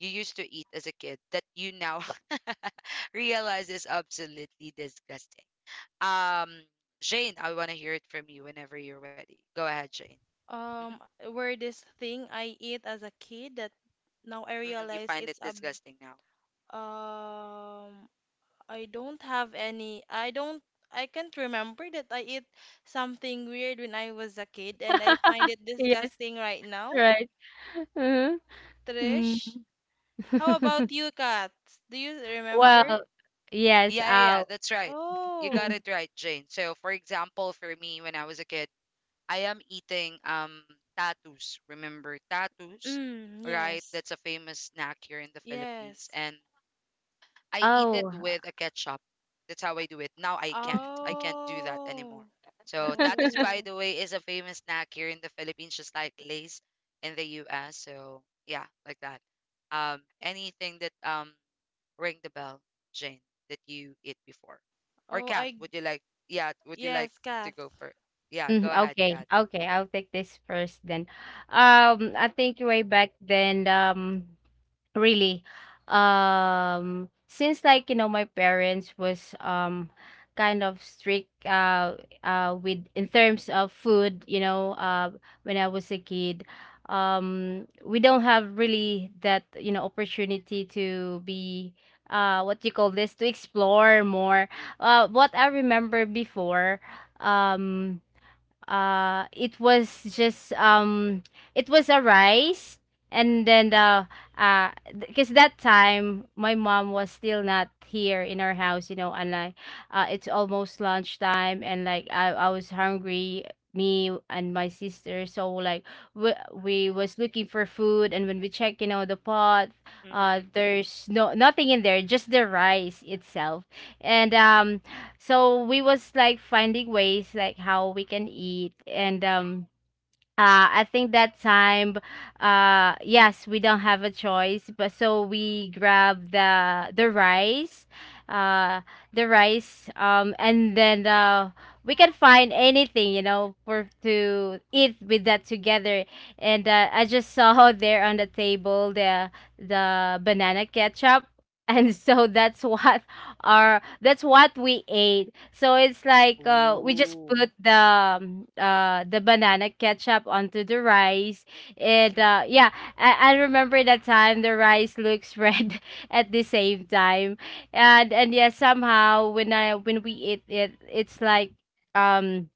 A: you used to eat as a kid that you now *laughs* realize is absolutely disgusting? Um, Jane, I want to hear it from you whenever you're ready. Go ahead, Jane.
C: *laughs*
A: Mhm.
C: Um, where this thing I eat as a kid that now I
A: Mm-mm, you
C: realize
A: find it
C: it's a
A: disgusting now.
C: um I don't have any. I don't. I can't remember that I eat something weird when I was a kid, and I find
B: *laughs*
C: it
B: Yes.
C: disgusting right now.
B: Right. Uh-huh. Mm.
C: Trish, how about
B: *laughs*
C: you, cats? Do you
A: Uh-uh.
C: remember?
B: Well, yes,
A: Yeah, yeah, yeah, that's right. You got
C: Oh,
A: it right, Jane. So, for example, for me when I was a kid, I am eating tattoos. Remember tattoos,
C: mm,
A: right?
C: yes,
A: That's a famous snack here in the Philippines.
C: yes.
A: And I eat it
B: oh.
A: with a ketchup. That's how I do it. Now I can't. I can't do that anymore.
C: Oh,
A: So tattoos,
B: *laughs*
A: by
C: oh,
A: the way, is a famous snack here in the Philippines, just like Lay's in the US. So yeah, like that. Anything that ring the bell, Jane, that you eat before, or
C: oh.
A: Kat,
C: I
A: would you like? Yeah, would you like
C: Yes,
A: to
C: cats.
A: go for? Yeah,
B: Mm,
A: go ahead, Kat.
B: okay. Okay, I'll take this first then. I think way back then. Really. Since like, you know, my parents was kind of strict, with in terms of food, you know, when I was a kid, we don't have really that, you know, opportunity to be what you call this, to explore more. What I remember before, um it was just it was a rice, and then the uh because that time my mom was still not here in our house, and like it's almost lunchtime, and like I was hungry, me and my sister. So like we was looking for food, and when we check, the pot,
A: Mm-mm-mm.
B: there's no nothing in there, just the rice itself. And so we was like finding ways like how we can eat. And I think that time, yes, we don't have a choice, but so we grabbed the rice, uh, the rice, and then we can find anything, you know, for to eat with that together. And I just saw *laughs* there on the table the banana ketchup, *laughs* and so that's what we ate. So it's like we just
A: Ooh.
B: put the banana ketchup onto the rice. And yeah, I remember that time the rice looks red *laughs* at the same time. And yeah, somehow when I when we eat it, it's like um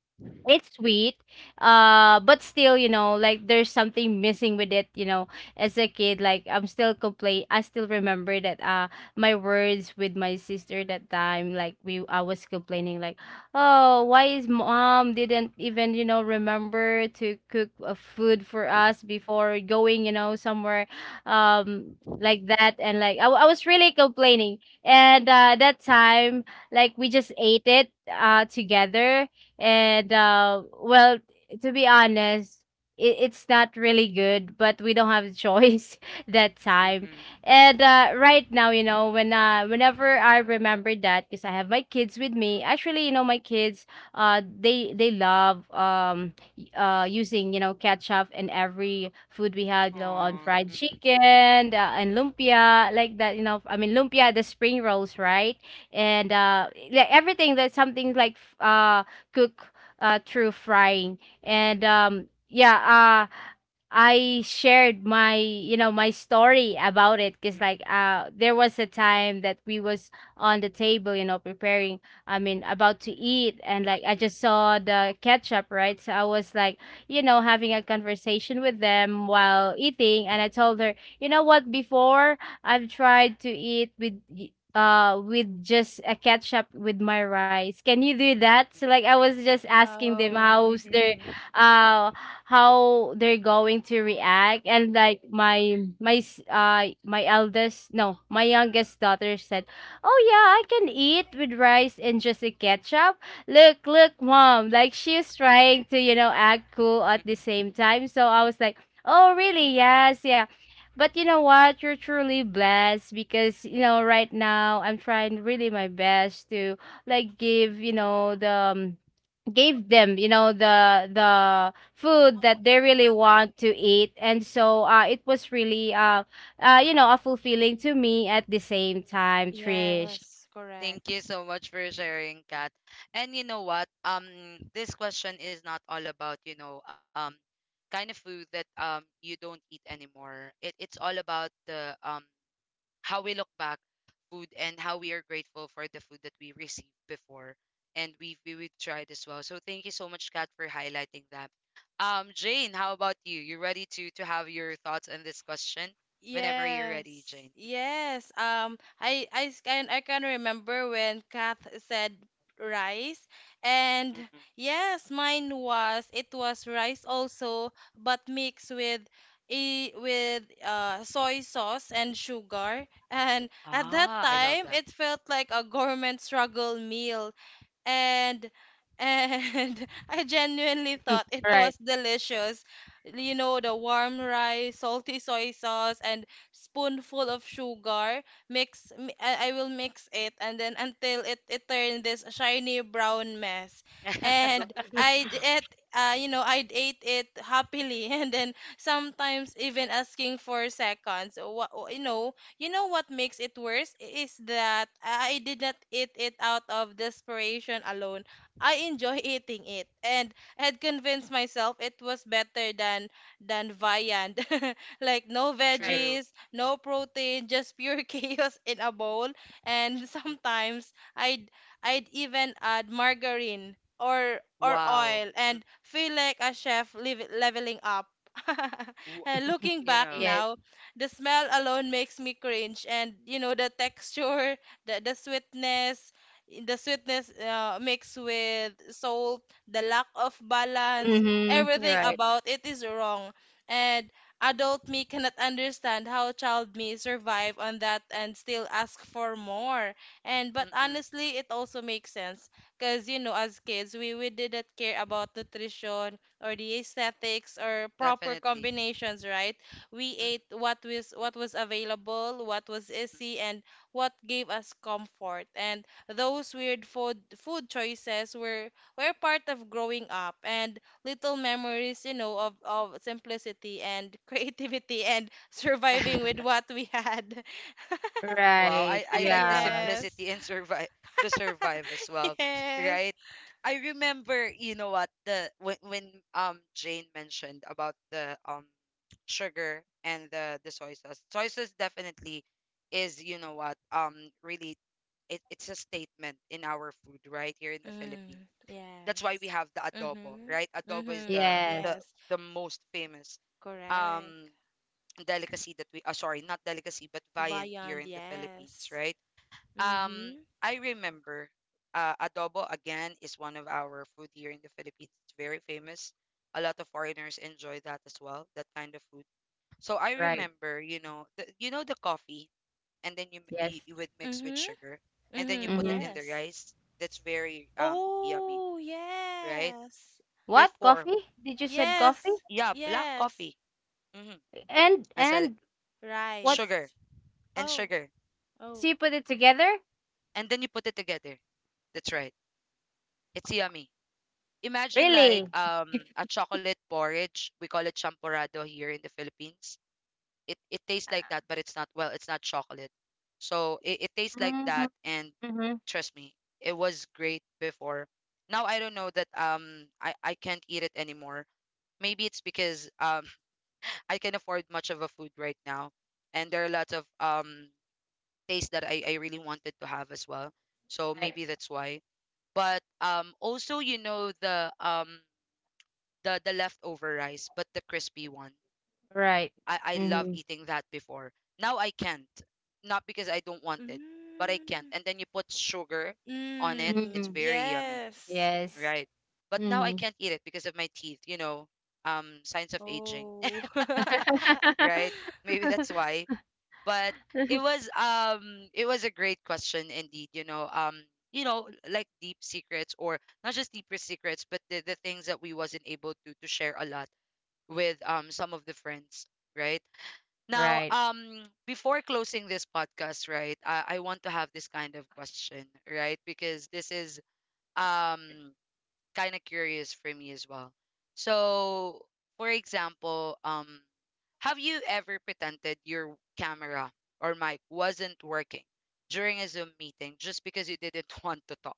B: it's sweet, but still, like there's something missing with it, as a kid. Like I'm still complain. I still remember that, my words with my sister that time. Like we I was complaining like, oh, why is mom didn't even, you know, remember to cook a food for us before going, you know, somewhere, um like that. And like I was really complaining, and that time, like we just ate it together. And well, to be honest, it's not really good, but we don't have a choice *laughs* that time.
A: Mm-mm-mm.
B: And right now, you know, when whenever I remember that, because I have my kids with me. Actually, you know, my kids, they love using, ketchup in every food we had, you
A: Aw.
B: know, on fried
A: Mm-mm-mm.
B: chicken, and lumpia like that. You know, I mean lumpia, the spring rolls, right? And like everything that's something like cook, through frying. And yeah, I shared my, my story about it because like there was a time that we was on the table, you know, preparing, I mean, about to eat. And like I
A: Mm-mm-mm.
B: just saw the ketchup, right, so I was like, having a conversation with them while eating, and I told her, you know what, before I've tried to eat with, with just a ketchup with my rice. Can you do that? So like I was just asking them
C: Oh,
A: Mm-mm-mm.
B: uh how they're going to react. And like my my eldest, no, my youngest daughter said, "Oh yeah, I can eat with rice and just a ketchup. Look, look, mom," like she's trying to, act cool at the same time. So I was like, "Oh really? Yes, yeah." But you know what? You're truly blessed because, right now I'm trying really my best to like give, the give them, the food that they really want to eat. And so it was really a fulfilling to me at the same time, Trish.
C: yes,
A: Thank
C: correct.
A: you so much for sharing, Kat. And you know what? This question is not all about, you know, kind of food that you don't eat anymore. It it's all about the how we look back food and how we are grateful for the food that we received before and we tried as well. So thank you so much, Kat, for highlighting that. Jane, how about you? You ready to have your thoughts on this question? Whenever you're ready,
C: Yes,
A: Jane.
C: yes. Can I can remember when Kath said rice, and
A: Mm-mm.
C: yes, mine was it was rice also, but mixed with a with soy sauce and sugar. *laughs* And at that
A: Ah, I love
C: time,
A: that.
C: it felt like a government struggle meal and and *laughs* I genuinely thought
B: *laughs*
C: it was
B: Right,
C: delicious. You know, the warm rice, salty soy sauce, and spoonful of sugar. I will mix it, and then until it turned this shiny brown mess. And
A: *laughs*
C: I'd it. You know, I'd ate it happily, *laughs* and then sometimes even asking for seconds. What you know what makes it worse is that I did not eat it out of desperation alone. I enjoy *laughs* eating it and had convinced myself it was better than viand. *laughs* Like no
B: right.
A: True.
C: veggies, no protein, just pure *laughs* chaos in a bowl. And *laughs*
A: Mm.
C: sometimes I'd even add margarine or
A: Wow.
C: oil
A: Mm.
C: and feel like a chef live leveling up. *laughs*
A: W-
C: And
B: *laughs*
C: looking
A: You
C: back
A: know,
B: Yes.
C: now, the smell alone makes me cringe and you know the texture the sweetness mixed with salt the lack of balance
B: Mm-hmm.
C: everything
B: Right,
A: mm-mm,
C: about it is wrong and adult me cannot understand how child me survive on that and still ask for more and but
A: mm-mm,
C: honestly it also makes sense because you know as kids we didn't care about nutrition or the aesthetics or proper
A: definitely.
C: combinations right we
A: Mm-mm,
C: ate what was available, what was
A: mm-mm.
C: easy, and what gave us comfort. And those weird food choices were part of growing up and little memories, you know, of simplicity and *laughs* creativity and surviving with
A: *laughs*
C: what we had. *laughs*
A: Wow,
B: right.
A: I like the
B: Yeah.
C: Yes.
A: simplicity and survive to survive as
C: *laughs*
A: well,
C: Yes.
A: right? I remember, you know what, the when Jane mentioned about the sugar and the soy sauce. Soy sauce definitely is, you know what, really it's a statement in our food right here in the Philippines.
C: Mm,
A: That's why we
C: yes.
A: have the adobo, right?
C: Mm-hmm.
A: Adobo is
C: Mm-hmm.
B: Yes.
C: Yes.
A: the most famous um
C: Correct.
A: delicacy that we sorry, not delicacy but viand here
C: Viand,
A: in the Philippines,
C: yes.
A: right? Um
C: Mm-hmm.
A: I remember adobo again is one of our food here in the Philippines. It's very famous. A lot of foreigners enjoy that as well, that kind of food. So I
B: Right.
A: remember, you know the coffee, and then you, you
B: Yes.
A: you would mix with
C: Mhm.
A: sugar and then you
C: Mhm.
A: put it
B: Mm-hmm.
A: in the
C: Yes.
A: rice. That's very yummy,
C: Oh,
A: right?
C: yes.
B: What?
A: Before.
B: Coffee? Did you said coffee?
C: Yes.
A: Yeah, black
C: Yes.
A: coffee. Mm-hmm.
B: And
A: I said it.
B: and what?
A: Sugar
C: Rice.
A: and
C: Oh.
A: sugar,
B: So
C: Oh.
B: you put it together?
A: and then you put it together. That's right. It's yummy. Imagine like
B: Really?
A: a chocolate porridge. We call it champorado here in the Philippines. It tastes like that, but it's not, well, it's not chocolate. So it tastes like
B: Mm-hmm.
A: that, and
B: Mm-hmm.
A: trust me, it was great before. Now I don't know that I can't eat it anymore. Maybe it's because *laughs* I can afford much of a food right now, and there are lots of taste that I really wanted to have as well. So
B: Right.
A: maybe that's why. But also you know the leftover rice, but the crispy one.
B: Right.
A: I love
B: Mm-hmm.
A: eating that before. Now I can't. Not because I don't want it, but I can't.
C: Mm.
A: And then you put sugar on it.
C: Mm.
A: It's
B: Mm-hmm.
A: very yummy,
C: Yes.
B: Yes.
A: right? But now I
B: Mm-hmm.
A: can't eat it because of my teeth, you know, signs of aging,
C: Oh.
A: *laughs* right?
C: *laughs*
A: Maybe that's why. But it was a great question indeed, you know, you know, like deep secrets or not just deeper secrets, but the things that we wasn't able to share a lot with some of the friends, right? Now
B: Right.
A: before closing this podcast, right, I want to have this kind of question, right, because this is um kind of curious for me as well. So, for example, have you ever pretended your camera or mic wasn't working during a Zoom meeting just because you didn't *laughs* want to talk,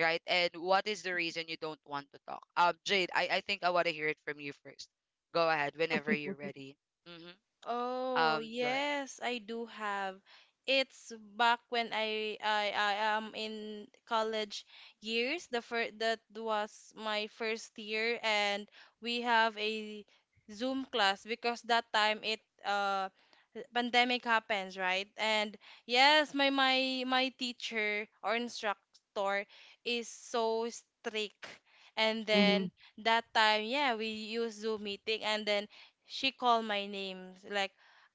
A: right? And what is the reason you don't want to talk? Jade, I think I want to hear it from you first. Go ahead whenever you're ready. Mm-hmm.
C: Oh,
A: Go ahead.
C: yes, I do have. It's back when I am in college years. The first that was my first year and we have a Zoom class because that time it pandemic happens, right? And yes, my teacher or instructor is so strict. And
B: Mm-hmm.
C: then that time, yeah, we use Zoom meeting and then she called my name like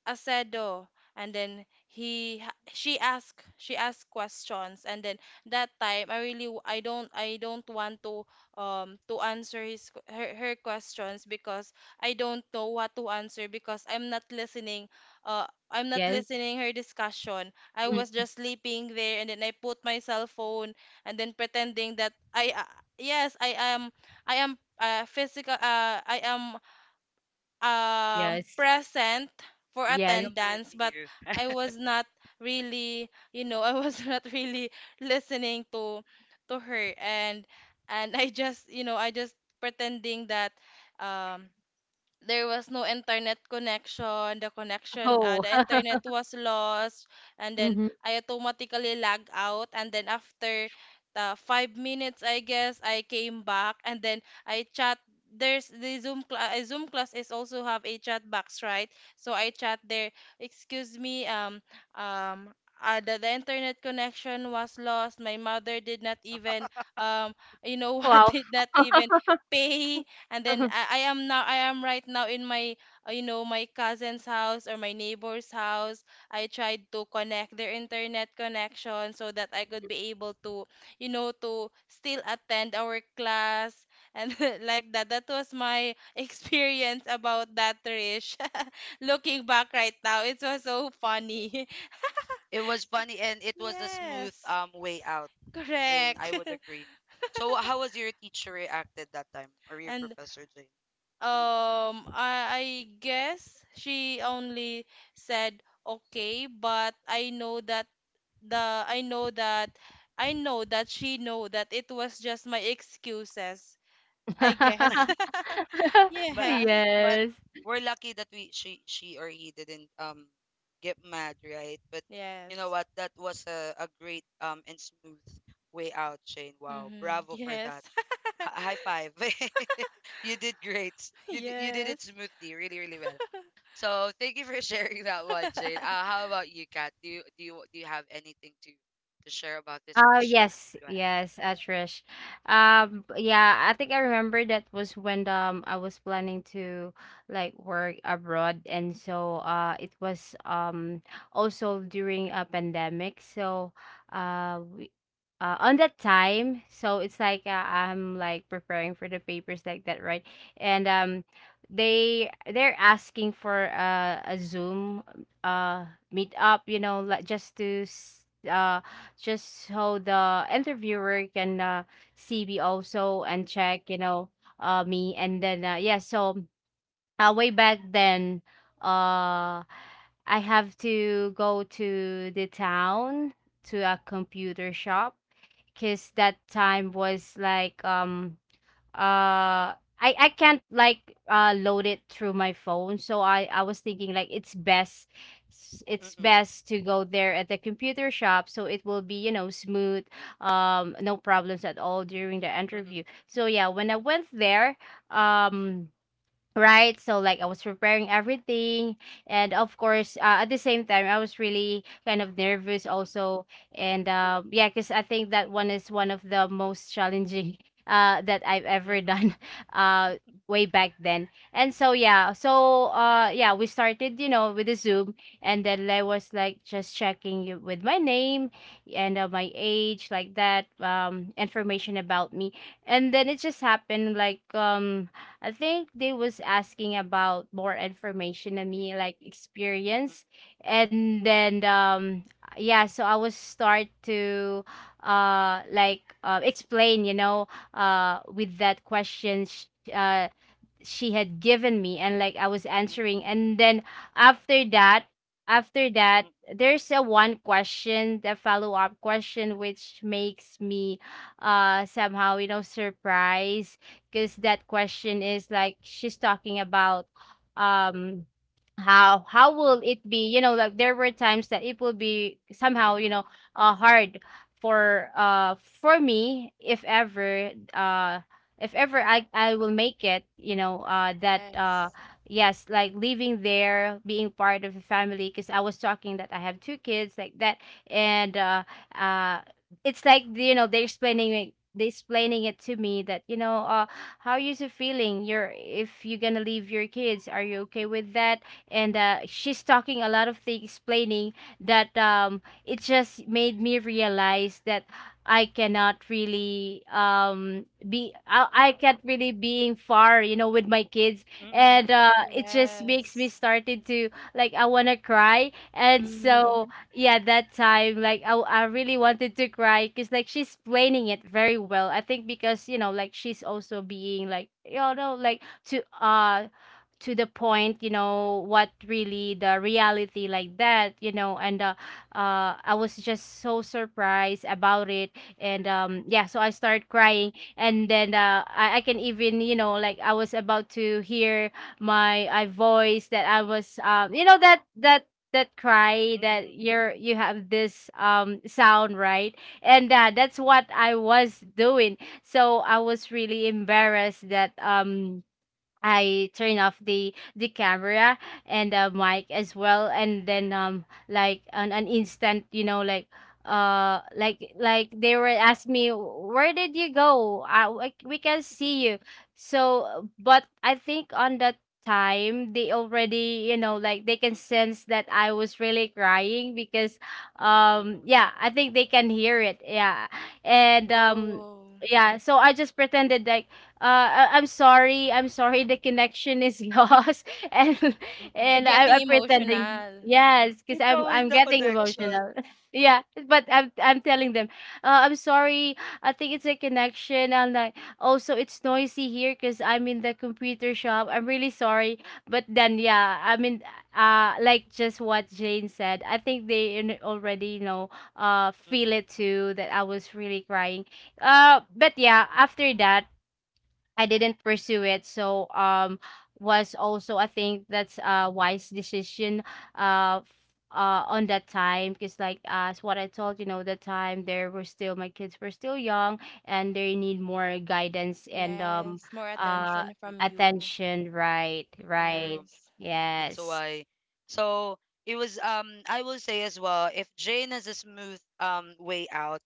C: Acedo and then she asked questions and then that time I really I don't want to answer her, her questions because I don't know what to answer because I'm not
B: Yes.
C: listening her discussion I was
B: Mm-hmm.
C: just sleeping there and then I put my cell phone and then pretending that I yes I am uh, physical uh, I am
B: Yes.
C: present for
A: I
B: Yes.
A: am with
C: attendance but
A: you.
C: I
A: *laughs*
C: was not really you know I was *laughs* not really listening to her and I just you know I just pretending that um there was no internet connection
B: Oh.
C: the internet
B: *laughs*
C: was lost and then
B: Mm-hmm.
C: I automatically lag out and then after the 5 minutes I guess I came back and then I chat there's the zoom class is also have a chat box right so I chat there excuse me um the internet connection was lost my mother did not even um you know *laughs* what
B: Wow.
C: did not even pay and then I am right now in my you know my cousin's house or my neighbor's house. I tried to connect their internet connection so that I could be able to you know to still attend our class and *laughs* like that. That was my *laughs* experience about that, Trish. *laughs* Looking back right now, it was so funny. *laughs*
A: It was funny and it was a smooth
C: Yes,
A: way out, Jane. I
C: correct.
A: would
C: *laughs*
A: agree. So how was your teacher reacted that time, or your
C: And
A: professor, Jane? Mm.
C: I guess she only said okay, but I know that the I know that she know that it was just my excuses, I guess.
B: *laughs*
C: *laughs*
A: But uh,
C: Yes.
A: but
B: Yes.
A: we're lucky that we she or he didn't get mad, right? But you know
C: Yes.
A: what? That was a great and smooth way out, Jane. Wow,
C: Mm-hmm.
A: bravo for that.
C: Yes. *laughs*
A: Hi high five. *laughs* You did great. You did
C: Yes.
A: it smoothly, really really well. So thank you for *laughs* sharing that one, Jane. How about you, Kat? Do you have anything to share about this
B: Oh,
A: question?
B: yes,
A: Go ahead.
B: yes, Trish. Yeah, I think I remember that was when I was planning to like work abroad, and so it was also during a pandemic. So we on that time, so it's like I'm like preparing for the papers like that, right? And um they're asking for a Zoom uh meet up, you know, like just to just so the interviewer can see me also and check you know me. And then yeah, so way back then uh I have to go to the town, to a computer shop, because that time was like uh I can't like load it through my phone. So I was thinking like it's best it's
A: Mm-mm,
B: best to go there at the computer shop so it will be, you know, smooth, um, no problems at all during the
A: mm-mm,
B: interview. So yeah, when I went there, um, right, so like I was preparing everything, and of course, at the same time I was really kind of nervous
A: mm-mm,
B: also. And yeah, because I think that one is one of the most challenging *laughs* that I've ever
A: mm-mm,
B: done, *laughs* uh, way back then. And so yeah, so yeah, we started, you know, with the Zoom, and then I was like just checking you with my name, and my age, like that, information about me. And then it just happened like, um, I think they was asking about more information on me, like
A: mm-mm, mm-mm,
B: experience. And then um, yeah, so I was start to explain, you know, with that question uh she had given me, and like I was answering. And then after that, after that,
A: mm-mm,
B: there's a one question, the follow-up question, which makes me somehow you know surprised, because that question is like she's talking about, um, how will it be, you know, like there were times that it will be somehow you know hard for me if ever I will make it, you know, that
C: Yes.
B: yes, like living there, being part of a family, because I was talking that I have two kids like that. And uh it's like, you know, they explaining it to me that, you know, uh, how you so feeling you're if you're gonna leave your kids, are you okay with that? And uh, she's talking a lot of things, explaining, that um, it just made me realize that I cannot really be I can't really being far, you know, with my kids.
A: mm-mm, mm-mm,
B: And
A: mm-mm,
B: it just makes me
C: Yes.
B: started to like I want to cry. And so
C: Mm-hmm.
B: yeah, that time like I really wanted to cry, because like she's planning it very well, I think, because you know like she's also being like you know like to uh, to the point, you know, what really the reality, like that, you know. And I was just so surprised about it. And um, yeah, so I started crying. And then I can even, you know, like I was about to hear my I voice that I was um, you know, that that cry, that you're you have this sound, right? And that's what I was doing, so I was really embarrassed that um, I turn off the camera and the mic as well. And then um, like on an instant, you know, like they were asking me, where did you go? We can see you. So, but I think on that time they already, you know, like they can
A: mm-mm, mm-mm,
B: sense that I was really crying, because um,
A: mm-mm.
B: yeah, I think they can hear it, yeah. And um,
C: Oh,
B: yeah, so I just pretended like, I'm sorry, the connection is *laughs* lost. and
A: Mm-mm.
C: you're
B: and I'm,
C: getting
B: I'm pretending,
C: emotional.
B: yes, because
A: It's
B: I'm
A: always
B: I'm
A: the
B: getting
A: connection.
B: emotional. *laughs* Yeah, but I'm telling them, I'm sorry. I think it's a connection, and like also it's noisy here because I'm in the computer shop. I'm really sorry. But then yeah, I mean, like just what Jane said, I think they already, you know, feel it too that I was really crying. But yeah, after that, I didn't pursue it. So um, was also I think that's a wise decision uh f- on that time, because like as what I told, you know, the time there were still my kids were still young, and they need more guidance. And um,
C: Yes, more
B: uh
C: attention
A: Mm-mm.
C: from you.
B: attention, right, right,
A: True.
C: Yes.
A: That's
B: yes,
A: why. So it was I will say as well, if Jane has a smooth way out,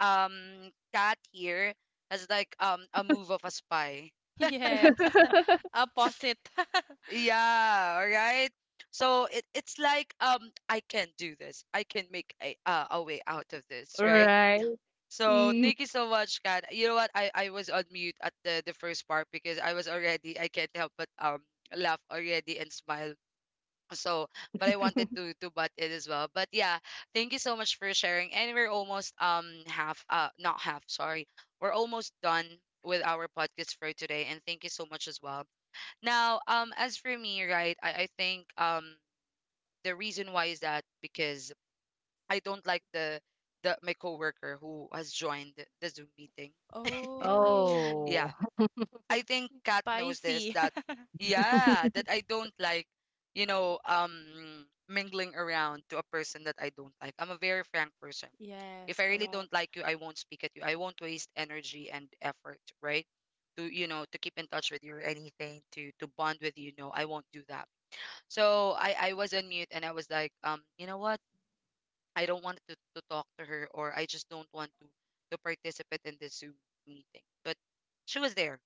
A: Kat here has like a move of a spy.
C: *laughs* Yes. *laughs* Opposite. *laughs*
A: Yeah, all right? So it's like I can do this. I can make a way out of this, right?
B: right.
A: So
B: Mm.
A: thank you so much, Kat. You know what? I was on mute at the first part because I was already I can't help but laugh already and smile. So, but I wanted
B: *laughs*
A: to butt in as well. But yeah, thank you so much for sharing. And we're almost half uh, not half, sorry. We're almost done with our podcast for today, and thank you so much as well now. As for me, right, I think the reason why is that because I don't like the my coworker who has joined the Zoom meeting.
C: Oh,
B: Oh,
A: Yeah,
B: *laughs*
A: I think Kat knows this,
C: spicy. *laughs*
A: that yeah, that I don't like, you know, mingling around to a person that I don't like. I'm a very frank person. If
C: Yes,
A: I really don't
C: correct.
A: like you, I won't speak at you. I won't waste energy and effort, right? To, you know, to keep in touch with you or anything to bond with you. No, I won't do that. So I was on mute, and I was like, you know what? I don't want to talk to her, or I just don't want to participate in this Zoom meeting. But she was there,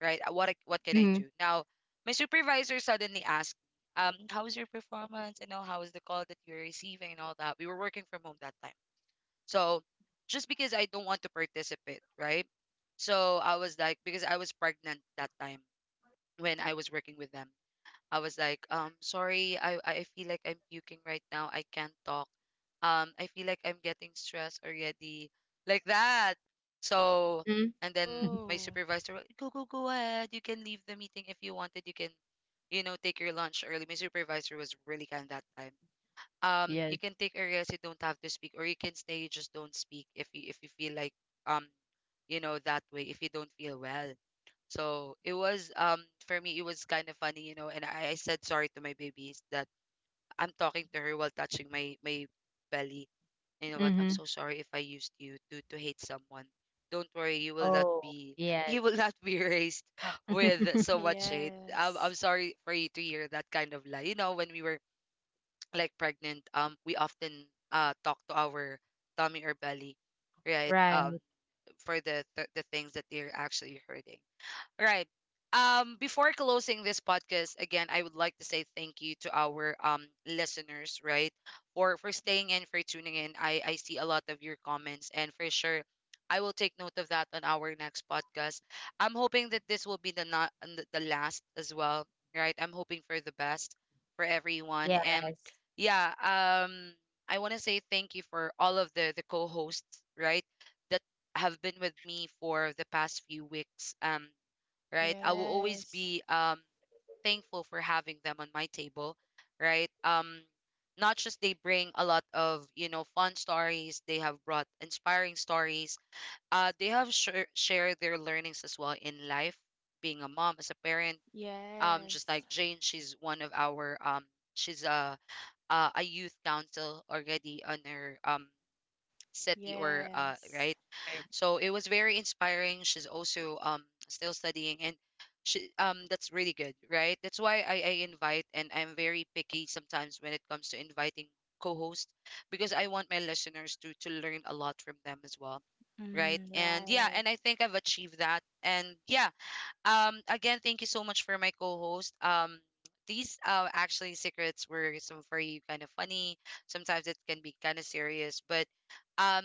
A: right? What what can I
B: mhm.
A: do? Now, my supervisor suddenly asked, how was your performance? You know, how was the call that you were receiving and all that? We were working from home that time. So just because I don't want to participate, right? So I was like, because I was pregnant that time when I was working with them. I was like, sorry, I feel like I'm puking right now. I can't talk. I feel like I'm getting stressed already. Like that. So,
B: Mhm.
A: and then
B: *laughs*
A: my
C: Oh,
A: supervisor, go, go, go ahead. You can leave the meeting if you wanted. You can, you know, take your lunch early. My supervisor was really kind that time. You
B: Yes.
A: can take a rest. You don't have to speak, or you can stay. You just don't speak if you feel like um you know, that way if you don't feel well. So it was for me it was kind of funny, you know, and I said sorry to my babies that I'm talking to her while touching my belly. You know what? I'm
B: Mhm.
A: so sorry if I used you to hate someone. Don't worry, you will not
B: Oh,
A: be *laughs*
B: yes.
A: you will not be raised *laughs* with
B: *laughs*
A: so much hate. I'm
C: yes.
A: I'm sorry for you to hear that kind of lie. You know, when we were like pregnant, we often talk to our tummy or belly, right?
B: Right,
A: For the the things that they're actually hurting. Right. Before closing this podcast, again, I would like to say thank you to our listeners, right? For staying in, for tuning in. I see a lot of your comments, and for sure, I will take note of that on our next podcast. I'm hoping that this will be the not and the last as well, right? I'm hoping for the best for everyone,
B: yes.
A: and yeah, I want to say thank you for all of the co-hosts, right? That have been with me for the past few weeks. Right? I will always
C: Yes.
A: be thankful for having them on my table, right? Not just they bring a lot of, you know, fun stories, they have brought inspiring stories. They have shared their learnings as well in life, being a mom, as a parent. Just
C: Yes.
A: like Jane, she's one of our she's a a youth council already on her city or uh,
C: Yes.
A: right,
B: Right.
A: so it was very inspiring. She's also still studying, and she that's really good, right? That's why I invite, and I'm very picky sometimes when it comes to inviting co-host because I want my listeners to learn a lot from them as well. Right.
C: Mm,
A: And yeah,
C: right.
A: and I think I've achieved that. And yeah, again, thank you so much for my co-host. These actually secrets were some very kind of funny. Sometimes it can be kind of serious, but um,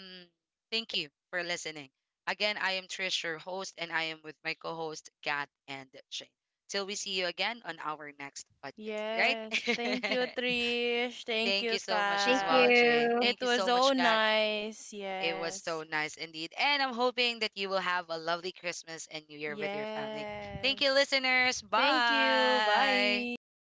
A: thank you for listening. Again, I am Trish, your host, and I am with my co-host Kat and Shane. Till we see you again on our next podcast,
C: Yes. Thank
A: right?
C: you,
A: *laughs*
C: Trish. Thank
A: Thank you
C: you,
A: so much
B: Thank
A: as well,
C: Kath.
A: Jane.
B: you.
C: It
A: Thank you
C: was
A: so
C: so
A: much, Kat.
C: nice.
A: It was
C: Yes.
A: so nice indeed. And I'm hoping that you will have a lovely Christmas and New Year with your family. Thank you,
C: Yes.
A: listeners.
C: Thank you.
A: Bye.
C: Bye.